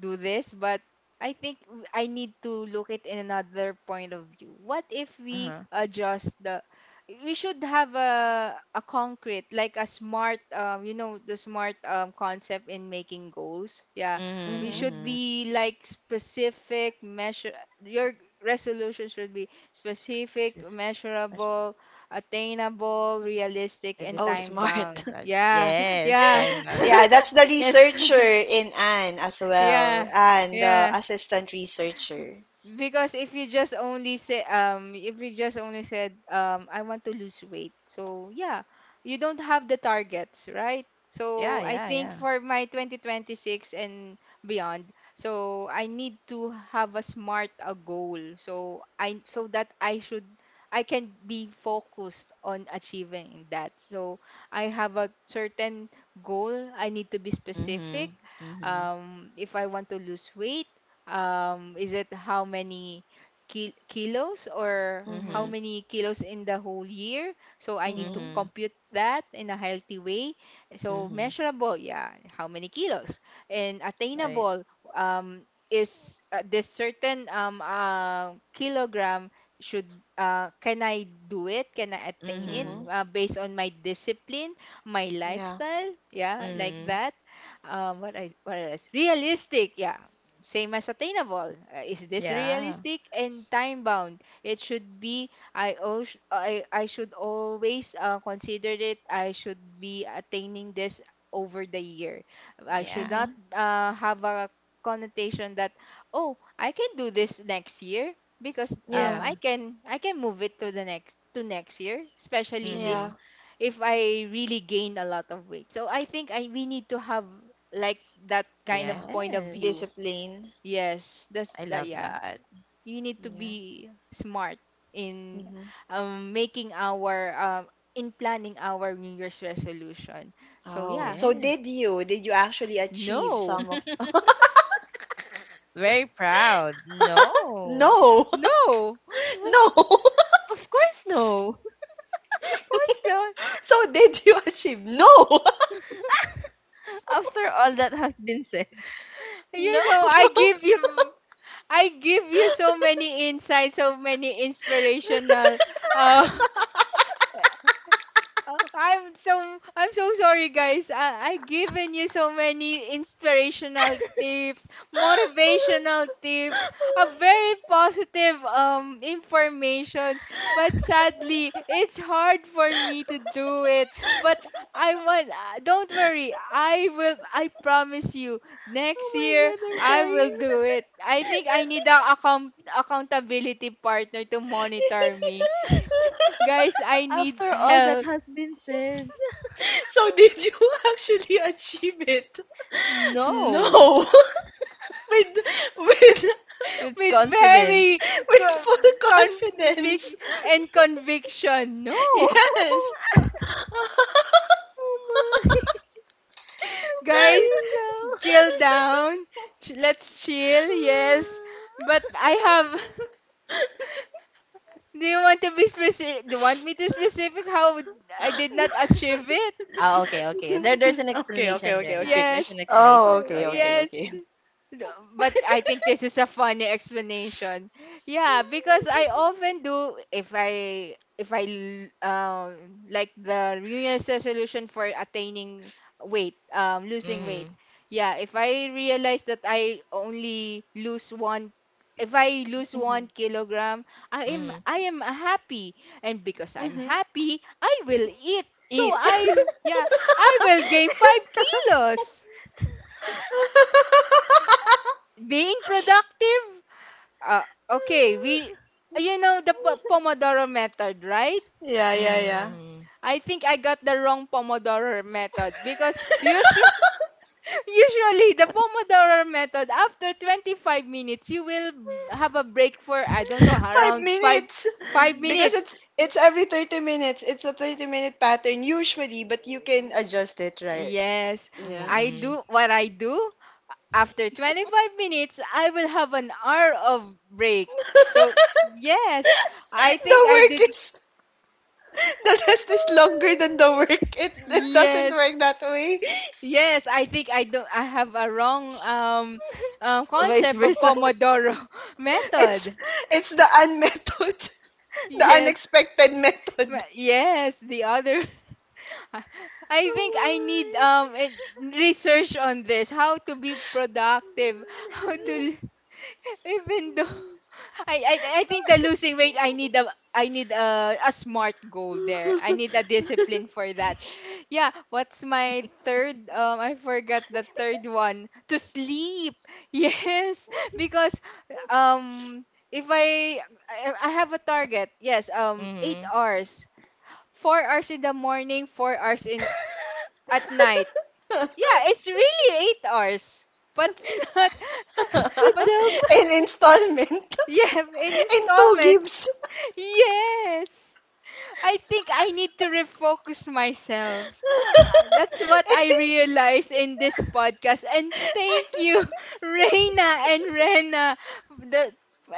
[SPEAKER 2] do this. But I think I need to look it in another point of view. What if
[SPEAKER 3] Uh
[SPEAKER 2] we
[SPEAKER 3] huh.
[SPEAKER 2] adjust the, we should have a concrete, like a smart, you know, the smart concept in making goals. Yeah.
[SPEAKER 3] Mhm.
[SPEAKER 2] We
[SPEAKER 1] Hmm.
[SPEAKER 2] should
[SPEAKER 3] Mhm.
[SPEAKER 2] be like specific, measure, your resolution should be specific,
[SPEAKER 3] Specific, measure-,
[SPEAKER 2] measurable, attainable, realistic and
[SPEAKER 1] Oh,
[SPEAKER 3] realistic
[SPEAKER 2] time
[SPEAKER 3] and
[SPEAKER 2] bound.
[SPEAKER 1] smart.
[SPEAKER 3] similar.
[SPEAKER 2] Yeah.
[SPEAKER 3] Yes,
[SPEAKER 2] Yeah.
[SPEAKER 3] time bound.
[SPEAKER 1] Yeah, that's the
[SPEAKER 3] Yes.
[SPEAKER 1] researcher in Anne as
[SPEAKER 2] Yeah.
[SPEAKER 1] well, and the
[SPEAKER 2] Yeah.
[SPEAKER 1] assistant researcher.
[SPEAKER 2] Because if you just only say, if you just only said, I want to lose weight. So yeah, you don't have the targets, right?
[SPEAKER 3] Yeah,
[SPEAKER 2] So I
[SPEAKER 3] yeah,
[SPEAKER 2] think
[SPEAKER 3] yeah.
[SPEAKER 2] for my 2026 and beyond, so I need to have a smart a goal. So I, so that I should, I can be focused on achieving that. So I have a certain goal. I need to be specific.
[SPEAKER 3] Mhm. Mhm.
[SPEAKER 2] If I want to lose weight, is it how many ki kilos or
[SPEAKER 1] Mm-hmm.
[SPEAKER 2] how
[SPEAKER 3] Mhm.
[SPEAKER 2] many kilos in the whole year? So I need to
[SPEAKER 1] Mm-hmm.
[SPEAKER 3] Mhm.
[SPEAKER 2] compute that in a healthy way. So
[SPEAKER 3] Mhm.
[SPEAKER 2] measurable, yeah, how many kilos? And
[SPEAKER 3] Right.
[SPEAKER 2] attainable, is this certain kilogram should, can I do it? Can I attain it
[SPEAKER 1] Mm-hmm.
[SPEAKER 3] Mhm.
[SPEAKER 2] based on my discipline, my
[SPEAKER 1] Yeah.
[SPEAKER 2] lifestyle? Yeah, like
[SPEAKER 3] Mhm.
[SPEAKER 2] that, what is realistic. Yeah, same as attainable. Is this
[SPEAKER 3] Yeah.
[SPEAKER 2] realistic and time bound? It should be, I also, I should always consider it. I should be attaining this over the year. I should
[SPEAKER 3] Yeah.
[SPEAKER 2] not
[SPEAKER 1] Mm-hmm.
[SPEAKER 2] have a connotation that, oh, I can do this next year because
[SPEAKER 1] Yeah.
[SPEAKER 3] Yeah.
[SPEAKER 2] I can move it to the next to next year, especially if
[SPEAKER 1] Yeah.
[SPEAKER 3] Mhm.
[SPEAKER 2] if I really gain a lot of weight. So I think I we need to have like that kind of
[SPEAKER 1] Yeah.
[SPEAKER 2] point of
[SPEAKER 3] Yes.
[SPEAKER 2] view.
[SPEAKER 1] Discipline.
[SPEAKER 2] Yes, that's
[SPEAKER 3] I
[SPEAKER 2] that.
[SPEAKER 3] love
[SPEAKER 2] Yeah,
[SPEAKER 3] that.
[SPEAKER 2] you need to
[SPEAKER 1] Yeah.
[SPEAKER 2] be smart in
[SPEAKER 1] Mm-hmm.
[SPEAKER 2] making our in planning our New Year's resolution. So
[SPEAKER 1] Oh,
[SPEAKER 2] yeah,
[SPEAKER 1] so did
[SPEAKER 3] Yes.
[SPEAKER 1] you? Did you actually achieve
[SPEAKER 2] no,
[SPEAKER 1] some of?
[SPEAKER 3] Very proud. No.
[SPEAKER 1] No.
[SPEAKER 2] no, of
[SPEAKER 1] No.
[SPEAKER 3] Of course, no.
[SPEAKER 2] course not.
[SPEAKER 1] So did you achieve? No.
[SPEAKER 3] After all that has been said. No.
[SPEAKER 2] You know,
[SPEAKER 1] So.
[SPEAKER 2] I give you so many insights, so many inspirational uh, Oh, I'm so, I'm so sorry, guys. I given you so many inspirational tips, motivational tips, a very positive information, but sadly, it's hard for me to do it. But I want. Don't worry. I will. I promise you.
[SPEAKER 3] Oh
[SPEAKER 2] Next year,
[SPEAKER 3] my god, I'm
[SPEAKER 2] I will do
[SPEAKER 3] crying.
[SPEAKER 2] it. I think I need a accountability partner to monitor me. Guys, I need
[SPEAKER 3] After all that
[SPEAKER 2] help
[SPEAKER 3] has been said.
[SPEAKER 1] So did you actually achieve it?
[SPEAKER 3] No.
[SPEAKER 1] No. With with
[SPEAKER 3] With
[SPEAKER 2] with
[SPEAKER 3] confidence.
[SPEAKER 2] very
[SPEAKER 1] with full
[SPEAKER 2] con- convic
[SPEAKER 1] confidence.
[SPEAKER 2] and conviction. No.
[SPEAKER 1] Yes.
[SPEAKER 3] Oh my. I'm
[SPEAKER 2] Guys,
[SPEAKER 3] crying now.
[SPEAKER 2] chill down. Let's chill. Yes. But I have do you want to be specific? Do you want me to specific how I did not achieve it?
[SPEAKER 3] Ah, okay, okay. There's an
[SPEAKER 1] Okay, okay,
[SPEAKER 3] explanation,
[SPEAKER 1] okay,
[SPEAKER 3] Rena.
[SPEAKER 1] okay.
[SPEAKER 3] There's an
[SPEAKER 2] Yes.
[SPEAKER 3] explanation.
[SPEAKER 1] Oh,
[SPEAKER 2] Oh,
[SPEAKER 1] okay, okay,
[SPEAKER 3] Okay.
[SPEAKER 1] okay.
[SPEAKER 2] yes. No. But I think this is a funny explanation. Yeah, because I often do if I like the New Year's resolution for attaining weight, losing weight.
[SPEAKER 3] Mhm.
[SPEAKER 2] Yeah, if I realize that I only lose one if I lose 1 kg, I am
[SPEAKER 3] Mhm.
[SPEAKER 2] I am happy. And because I'm
[SPEAKER 1] Mhm.
[SPEAKER 2] happy, I will eat. So
[SPEAKER 1] Eat.
[SPEAKER 2] I yeah, I will gain 5 kilos being productive. Uh, okay, we you know the Pomodoro method, right?
[SPEAKER 1] Yeah, yeah, yeah.
[SPEAKER 3] Mm.
[SPEAKER 2] I think I got the wrong Pomodoro method because usually usually the Pomodoro method after 25 minutes you will have a break for, I don't know,
[SPEAKER 1] Five
[SPEAKER 2] around 5
[SPEAKER 1] minutes.
[SPEAKER 2] 5
[SPEAKER 3] Mm.
[SPEAKER 1] Because
[SPEAKER 2] minutes.
[SPEAKER 1] it's every 30 minutes. It's a 30-minute pattern usually, but you can adjust it, right?
[SPEAKER 2] Yes,
[SPEAKER 1] Yeah.
[SPEAKER 2] I
[SPEAKER 3] Mm.
[SPEAKER 2] do what I do. After 25 minutes, I will have an hour of break. So, yes, I think
[SPEAKER 1] The
[SPEAKER 2] I did.
[SPEAKER 1] work is the rest is longer than the work. It doesn't work
[SPEAKER 2] Yes.
[SPEAKER 1] that way.
[SPEAKER 2] Yes, I think I don't I have a wrong
[SPEAKER 3] Vice
[SPEAKER 2] concept of
[SPEAKER 3] versa.
[SPEAKER 2] Pomodoro
[SPEAKER 1] It's
[SPEAKER 2] method.
[SPEAKER 1] it's the un method. The
[SPEAKER 2] Yes.
[SPEAKER 1] unexpected method.
[SPEAKER 2] Yes, the other I I think I need research on this, how to be productive, how to even though I think the losing weight I need a smart goal there. I need a discipline for that. Yeah, what's my third? I forgot the third one. To sleep. Yes, because um if I I have a target. Yes, 8
[SPEAKER 3] Mhm.
[SPEAKER 2] hours. 4 hours in the morning, 4 hours in at night. Yeah, it's really 8 hours. But it's not
[SPEAKER 3] Good
[SPEAKER 2] but
[SPEAKER 3] job.
[SPEAKER 2] it's-
[SPEAKER 1] In installment.
[SPEAKER 2] yeah, in
[SPEAKER 1] In two
[SPEAKER 2] installment.
[SPEAKER 1] gives.
[SPEAKER 2] Yes. I think I need to refocus myself. Ah, that's what I realized in this podcast. And thank you, Reina and Rena, the,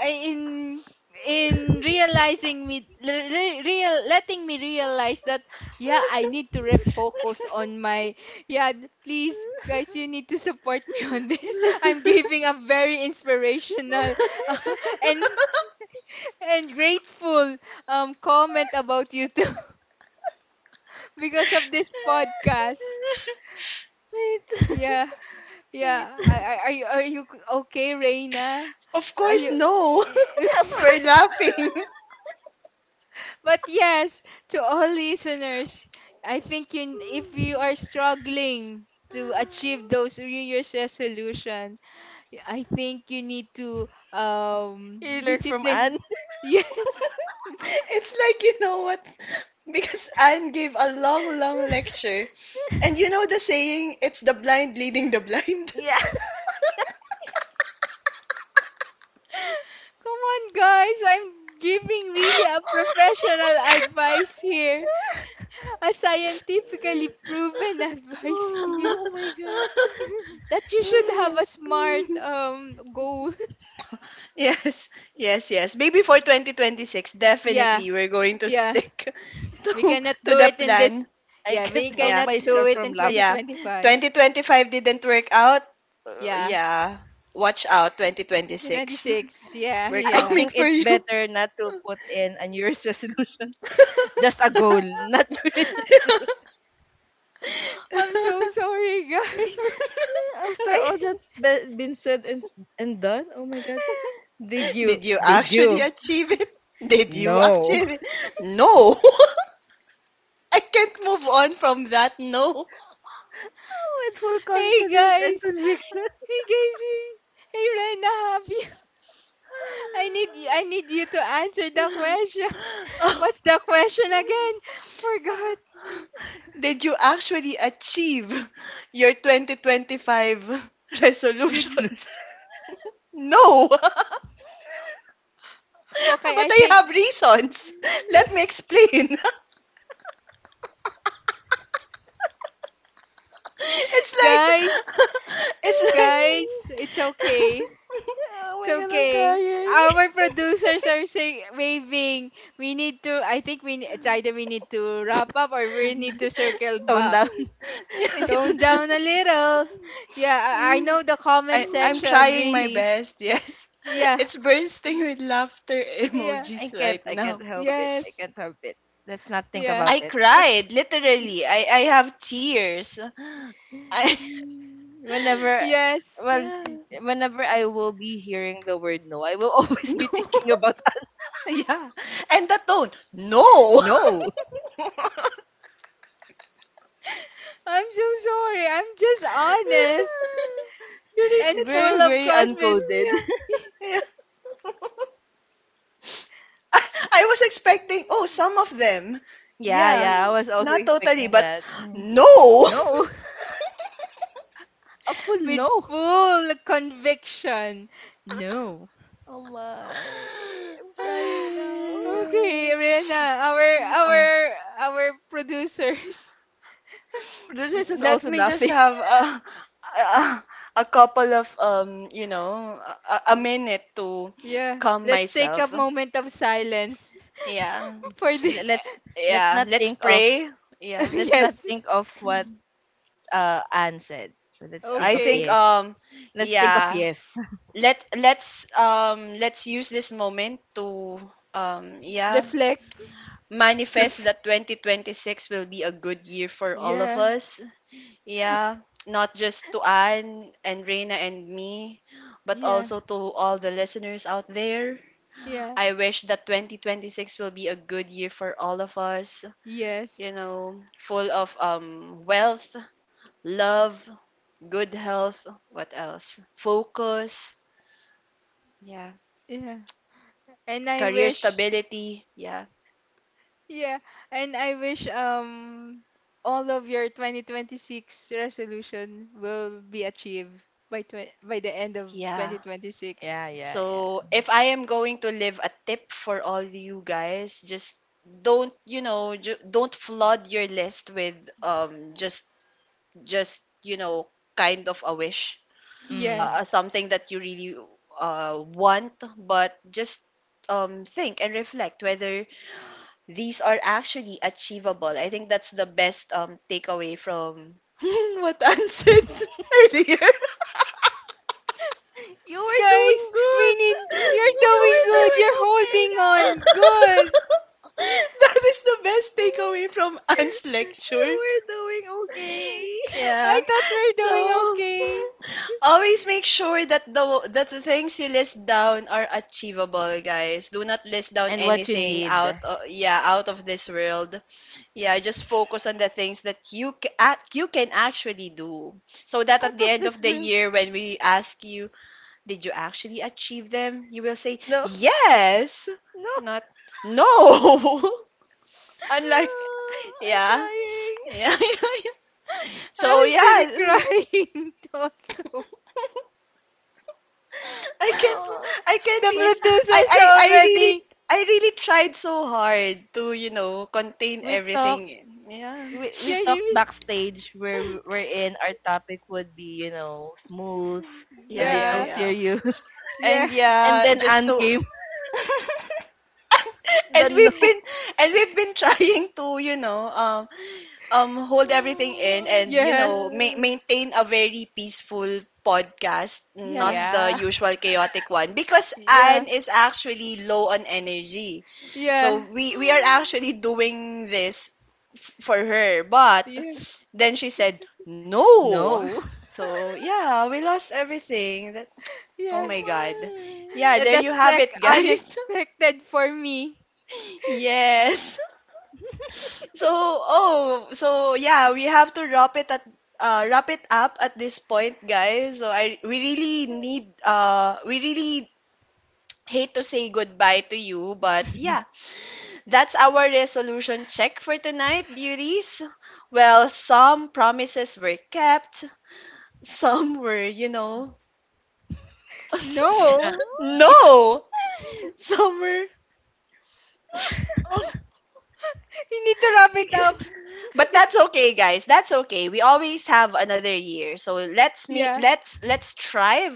[SPEAKER 2] in in realizing me re- re- real letting me realize that yeah, I need to refocus on my. Yeah, please guys, you need to support me on this. I'm giving a very inspirational and and grateful comment about you too because of this podcast.
[SPEAKER 3] Wait.
[SPEAKER 2] Yeah,
[SPEAKER 3] Wait.
[SPEAKER 2] yeah. Are you okay, Reina?
[SPEAKER 1] Of
[SPEAKER 2] Are
[SPEAKER 1] course,
[SPEAKER 2] you?
[SPEAKER 1] no.
[SPEAKER 3] Of
[SPEAKER 1] We're
[SPEAKER 3] course.
[SPEAKER 1] laughing.
[SPEAKER 2] But yes, to all listeners, I think if you are struggling to achieve those New Year's resolution, I think you need to
[SPEAKER 3] You learned from Anne.
[SPEAKER 2] discipline. Yes.
[SPEAKER 1] It's like, you know what? Because Anne gave a long, long lecture. And you know the saying, it's the blind leading the blind.
[SPEAKER 3] Yeah.
[SPEAKER 2] Come on, guys. I'm giving really a professional advice here, a scientifically proven advice here
[SPEAKER 3] Oh, oh my god.
[SPEAKER 2] that you should have
[SPEAKER 1] Oh,
[SPEAKER 2] a smart
[SPEAKER 1] yeah.
[SPEAKER 2] goals.
[SPEAKER 1] Yes, yes, yes. Maybe for 2026,
[SPEAKER 2] Yeah,
[SPEAKER 1] definitely we're going to
[SPEAKER 2] yeah.
[SPEAKER 1] stick
[SPEAKER 2] We
[SPEAKER 1] to
[SPEAKER 2] cannot do
[SPEAKER 1] the
[SPEAKER 2] it in this.
[SPEAKER 1] plan.
[SPEAKER 3] I
[SPEAKER 2] Yeah,
[SPEAKER 3] can't
[SPEAKER 2] we
[SPEAKER 3] help
[SPEAKER 1] Yeah.
[SPEAKER 2] cannot do
[SPEAKER 3] myself
[SPEAKER 2] it
[SPEAKER 1] T-
[SPEAKER 3] from
[SPEAKER 2] in
[SPEAKER 3] laugh.
[SPEAKER 1] Yeah.
[SPEAKER 2] 2025.
[SPEAKER 1] 2025 didn't work out.
[SPEAKER 2] Yeah,
[SPEAKER 1] Yeah. Watch out 2026.
[SPEAKER 2] 26. Yeah,
[SPEAKER 1] We're
[SPEAKER 3] I
[SPEAKER 2] yeah.
[SPEAKER 1] coming
[SPEAKER 3] think
[SPEAKER 1] for
[SPEAKER 3] it's
[SPEAKER 1] you.
[SPEAKER 3] better not to put in a New Year's resolution. Just a goal, not New Year's.
[SPEAKER 2] I'm so sorry, guys.
[SPEAKER 3] After
[SPEAKER 2] I,
[SPEAKER 3] all that's been said and done, oh my god. Did you?
[SPEAKER 1] Did you
[SPEAKER 3] Did
[SPEAKER 1] actually
[SPEAKER 3] you?
[SPEAKER 1] achieve it? Did you
[SPEAKER 3] No.
[SPEAKER 1] achieve it? No. I can't move on from that. No.
[SPEAKER 3] Oh, with full
[SPEAKER 2] hey
[SPEAKER 3] confidence and
[SPEAKER 2] guys.
[SPEAKER 3] conviction.
[SPEAKER 2] Hey guys. Hey, Rena, have you? I need you. I need you to answer the question. What's the question again? Forgot.
[SPEAKER 1] Did you actually achieve your 2025
[SPEAKER 2] Did
[SPEAKER 1] resolution?
[SPEAKER 3] Resolution.
[SPEAKER 1] No.
[SPEAKER 2] okay?
[SPEAKER 1] But
[SPEAKER 2] I
[SPEAKER 1] I
[SPEAKER 2] think
[SPEAKER 1] have reasons. Let me explain. It's
[SPEAKER 2] Guys,
[SPEAKER 1] like it's
[SPEAKER 2] guys, it's okay.
[SPEAKER 3] Oh
[SPEAKER 2] It's
[SPEAKER 3] my god, I'm
[SPEAKER 2] okay.
[SPEAKER 3] crying.
[SPEAKER 2] Our producers are saying waving. We need to I think it's either we need to wrap up or we need to
[SPEAKER 1] like
[SPEAKER 2] circle
[SPEAKER 3] Tone
[SPEAKER 2] back.
[SPEAKER 3] down. We
[SPEAKER 1] yeah.
[SPEAKER 3] need to
[SPEAKER 2] Tone
[SPEAKER 3] tone.
[SPEAKER 2] down a little. Yeah, I
[SPEAKER 1] Mm,
[SPEAKER 2] know the comment
[SPEAKER 1] I'm
[SPEAKER 2] section
[SPEAKER 1] trying my
[SPEAKER 2] really.
[SPEAKER 1] best, yes.
[SPEAKER 2] Yeah.
[SPEAKER 1] It's bursting with laughter
[SPEAKER 3] Mm,
[SPEAKER 2] Yeah.
[SPEAKER 3] I
[SPEAKER 1] emojis
[SPEAKER 3] can't.
[SPEAKER 1] right
[SPEAKER 3] I can't
[SPEAKER 1] now.
[SPEAKER 3] help it. I
[SPEAKER 2] Yes.
[SPEAKER 3] can't help it. Let's not think
[SPEAKER 2] Yeah.
[SPEAKER 3] about
[SPEAKER 1] I
[SPEAKER 3] it.
[SPEAKER 1] cried, literally. I have tears. I.
[SPEAKER 3] Whenever,
[SPEAKER 2] Yes.
[SPEAKER 3] well,
[SPEAKER 1] Yeah.
[SPEAKER 3] whenever I will be hearing the word no, I will always
[SPEAKER 1] No.
[SPEAKER 3] be thinking about
[SPEAKER 1] Yeah. And the tone, no.
[SPEAKER 3] no.
[SPEAKER 2] I'm so sorry. I'm just honest and
[SPEAKER 3] Very,
[SPEAKER 2] full
[SPEAKER 1] It's.
[SPEAKER 3] very,
[SPEAKER 2] of
[SPEAKER 3] very
[SPEAKER 2] confidence.
[SPEAKER 3] uncoded.
[SPEAKER 1] Yeah. Yeah. I was expecting, oh, some of them.
[SPEAKER 3] Yeah,
[SPEAKER 1] Yeah,
[SPEAKER 3] yeah. I
[SPEAKER 2] No,
[SPEAKER 3] was also
[SPEAKER 1] not totally,
[SPEAKER 3] expecting
[SPEAKER 1] but
[SPEAKER 3] that. Mm.
[SPEAKER 1] no.
[SPEAKER 3] No, a full
[SPEAKER 2] with
[SPEAKER 3] no.
[SPEAKER 2] full conviction. No.
[SPEAKER 3] Oh my, I'm crying now.
[SPEAKER 2] Okay,
[SPEAKER 1] Ay.
[SPEAKER 2] Rena, our
[SPEAKER 1] Uh,
[SPEAKER 2] our our producers.
[SPEAKER 3] Producers is
[SPEAKER 1] Let
[SPEAKER 3] also
[SPEAKER 1] me just
[SPEAKER 3] laughing.
[SPEAKER 1] have a, a couple of a minute to
[SPEAKER 2] Yeah,
[SPEAKER 1] calm
[SPEAKER 2] let's take a
[SPEAKER 1] myself.
[SPEAKER 2] moment of silence
[SPEAKER 1] Yeah.
[SPEAKER 2] for
[SPEAKER 3] L-
[SPEAKER 2] this.
[SPEAKER 1] Eh,
[SPEAKER 3] let's let's
[SPEAKER 1] Yeah,
[SPEAKER 3] not
[SPEAKER 1] let's
[SPEAKER 3] think of
[SPEAKER 1] pray. Yeah.
[SPEAKER 2] Yes.
[SPEAKER 3] What Anne said. So let's think
[SPEAKER 1] I
[SPEAKER 3] of
[SPEAKER 1] think
[SPEAKER 2] Okay.
[SPEAKER 3] yes. Let's think of
[SPEAKER 1] yeah,
[SPEAKER 3] yes.
[SPEAKER 1] let's use this moment to um yeah
[SPEAKER 2] Reflect.
[SPEAKER 1] manifest that 2026 will be a good year for all of
[SPEAKER 2] Yeah.
[SPEAKER 1] us. Yeah, not just to Anne and Reina and me, but
[SPEAKER 2] Yeah.
[SPEAKER 1] also to all the listeners out there.
[SPEAKER 2] Yeah.
[SPEAKER 1] I wish that 2026 will be a good year for all of us,
[SPEAKER 2] Yes.
[SPEAKER 1] full of wealth, love, good health, what else, focus, yeah.
[SPEAKER 2] Yeah. And I
[SPEAKER 1] Career
[SPEAKER 2] wish
[SPEAKER 1] stability. Yeah.
[SPEAKER 2] Yeah, and I wish all of your 2026 resolution will be achieved by tw by the end of
[SPEAKER 1] Yeah.
[SPEAKER 2] 2026.
[SPEAKER 3] Yeah, yeah,
[SPEAKER 1] So
[SPEAKER 3] yeah.
[SPEAKER 1] if I am going to leave a tip for all you guys, just don't flood your list with um just just kind of a wish,
[SPEAKER 3] Mm.
[SPEAKER 2] Yes.
[SPEAKER 1] something that you really want, but just think and reflect whether these are actually achievable. I think that's the best takeaway from what Ann said earlier.
[SPEAKER 3] You were doing
[SPEAKER 2] Guys, we
[SPEAKER 3] good.
[SPEAKER 2] need you're
[SPEAKER 3] You
[SPEAKER 2] doing
[SPEAKER 3] were
[SPEAKER 2] good.
[SPEAKER 3] doing
[SPEAKER 2] You're
[SPEAKER 3] okay
[SPEAKER 2] holding
[SPEAKER 3] now.
[SPEAKER 2] on. Good.
[SPEAKER 1] That is the best takeaway from Anne's lecture.
[SPEAKER 3] You were doing okay.
[SPEAKER 2] I
[SPEAKER 1] Yeah.
[SPEAKER 2] thought we were doing
[SPEAKER 1] So
[SPEAKER 2] okay.
[SPEAKER 1] always make sure that the things you list down are achievable, guys. Do not list down
[SPEAKER 3] And what you
[SPEAKER 1] anything,
[SPEAKER 3] need
[SPEAKER 1] out yeah, out of this world. Yeah, just focus on the things that you can actually do. So that at
[SPEAKER 3] out
[SPEAKER 1] the
[SPEAKER 3] of
[SPEAKER 1] end
[SPEAKER 3] this
[SPEAKER 1] of the
[SPEAKER 3] room.
[SPEAKER 1] year when we ask you, did you actually achieve them? You will say,
[SPEAKER 3] No,
[SPEAKER 1] yes,
[SPEAKER 3] no.
[SPEAKER 1] not no. Unlike,
[SPEAKER 3] Ah, I'm
[SPEAKER 1] yeah,
[SPEAKER 3] crying.
[SPEAKER 1] yeah.
[SPEAKER 2] I
[SPEAKER 1] So,
[SPEAKER 2] was really
[SPEAKER 1] yeah.
[SPEAKER 2] crying
[SPEAKER 1] I
[SPEAKER 2] also.
[SPEAKER 1] can't
[SPEAKER 3] Ah,
[SPEAKER 1] I can't
[SPEAKER 2] The
[SPEAKER 3] we
[SPEAKER 1] really
[SPEAKER 3] t-
[SPEAKER 1] I,
[SPEAKER 2] producers
[SPEAKER 1] I
[SPEAKER 2] are
[SPEAKER 1] I really
[SPEAKER 2] already.
[SPEAKER 1] I really tried so hard to, contain
[SPEAKER 3] we talk
[SPEAKER 1] everything. Yeah.
[SPEAKER 3] we
[SPEAKER 2] Yeah,
[SPEAKER 3] talked
[SPEAKER 2] you
[SPEAKER 3] backstage where are in our topic would be, you know, smooth, a
[SPEAKER 1] Yeah, yeah,
[SPEAKER 3] little
[SPEAKER 2] yeah,
[SPEAKER 1] yeah.
[SPEAKER 3] serious,
[SPEAKER 2] yeah,
[SPEAKER 1] And
[SPEAKER 3] and
[SPEAKER 1] yeah,
[SPEAKER 3] then
[SPEAKER 1] just
[SPEAKER 3] Anne
[SPEAKER 1] to
[SPEAKER 3] came the
[SPEAKER 1] and we've
[SPEAKER 3] no.
[SPEAKER 1] been and we've been trying to, hold everything in
[SPEAKER 3] Oh
[SPEAKER 1] and
[SPEAKER 3] my
[SPEAKER 2] yeah,
[SPEAKER 3] god.
[SPEAKER 1] maintain a very peaceful podcast, not
[SPEAKER 2] yeah,
[SPEAKER 1] the
[SPEAKER 3] Yeah.
[SPEAKER 1] usual chaotic one because
[SPEAKER 2] yeah,
[SPEAKER 1] Anne is actually low on energy, so
[SPEAKER 2] yeah,
[SPEAKER 1] we are
[SPEAKER 3] Mm,
[SPEAKER 1] actually doing this for her, but
[SPEAKER 2] yeah.
[SPEAKER 1] then she said no,
[SPEAKER 3] no.
[SPEAKER 1] so yeah we lost everything that. Oh
[SPEAKER 2] Yeah.
[SPEAKER 3] Oh
[SPEAKER 1] my god, yeah,
[SPEAKER 2] That,
[SPEAKER 1] there you
[SPEAKER 2] that's
[SPEAKER 3] my.
[SPEAKER 1] have it,
[SPEAKER 2] like
[SPEAKER 1] guys.
[SPEAKER 2] unexpected for me.
[SPEAKER 1] Yes. So, oh, so yeah, we have to wrap it up at this point, guys. So I we really need we really hate to say goodbye to you, but yeah, that's our resolution check for tonight, beauties. Well, some promises were kept, some were, you know,
[SPEAKER 3] Yeah.
[SPEAKER 2] No.
[SPEAKER 3] Yeah.
[SPEAKER 1] no, some were.
[SPEAKER 2] You need to wrap
[SPEAKER 3] You
[SPEAKER 2] it up.
[SPEAKER 3] can.
[SPEAKER 1] But that's okay, guys. That's okay. We always have another year. So let's me
[SPEAKER 2] Yeah.
[SPEAKER 1] let's strive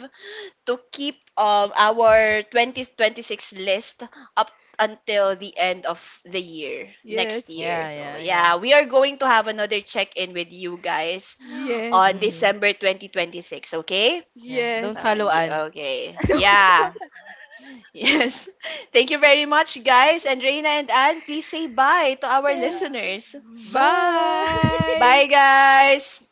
[SPEAKER 1] to keep our 2026 list up until the end of the year next
[SPEAKER 2] Yes.
[SPEAKER 1] year.
[SPEAKER 3] Yeah.
[SPEAKER 1] So
[SPEAKER 3] Yeah. Yeah.
[SPEAKER 1] yeah, we are going to have another check-in with you guys on
[SPEAKER 2] Yes.
[SPEAKER 3] Mm-hmm.
[SPEAKER 1] December 2026, okay?
[SPEAKER 3] Yeah. Don't
[SPEAKER 2] Yes.
[SPEAKER 3] follow Anne.
[SPEAKER 1] Okay. Yeah. Yes. Thank you very much, guys. And Reina and Anne, please say bye to our
[SPEAKER 3] Yes.
[SPEAKER 1] listeners.
[SPEAKER 3] Bye.
[SPEAKER 2] Bye.
[SPEAKER 1] Bye, guys.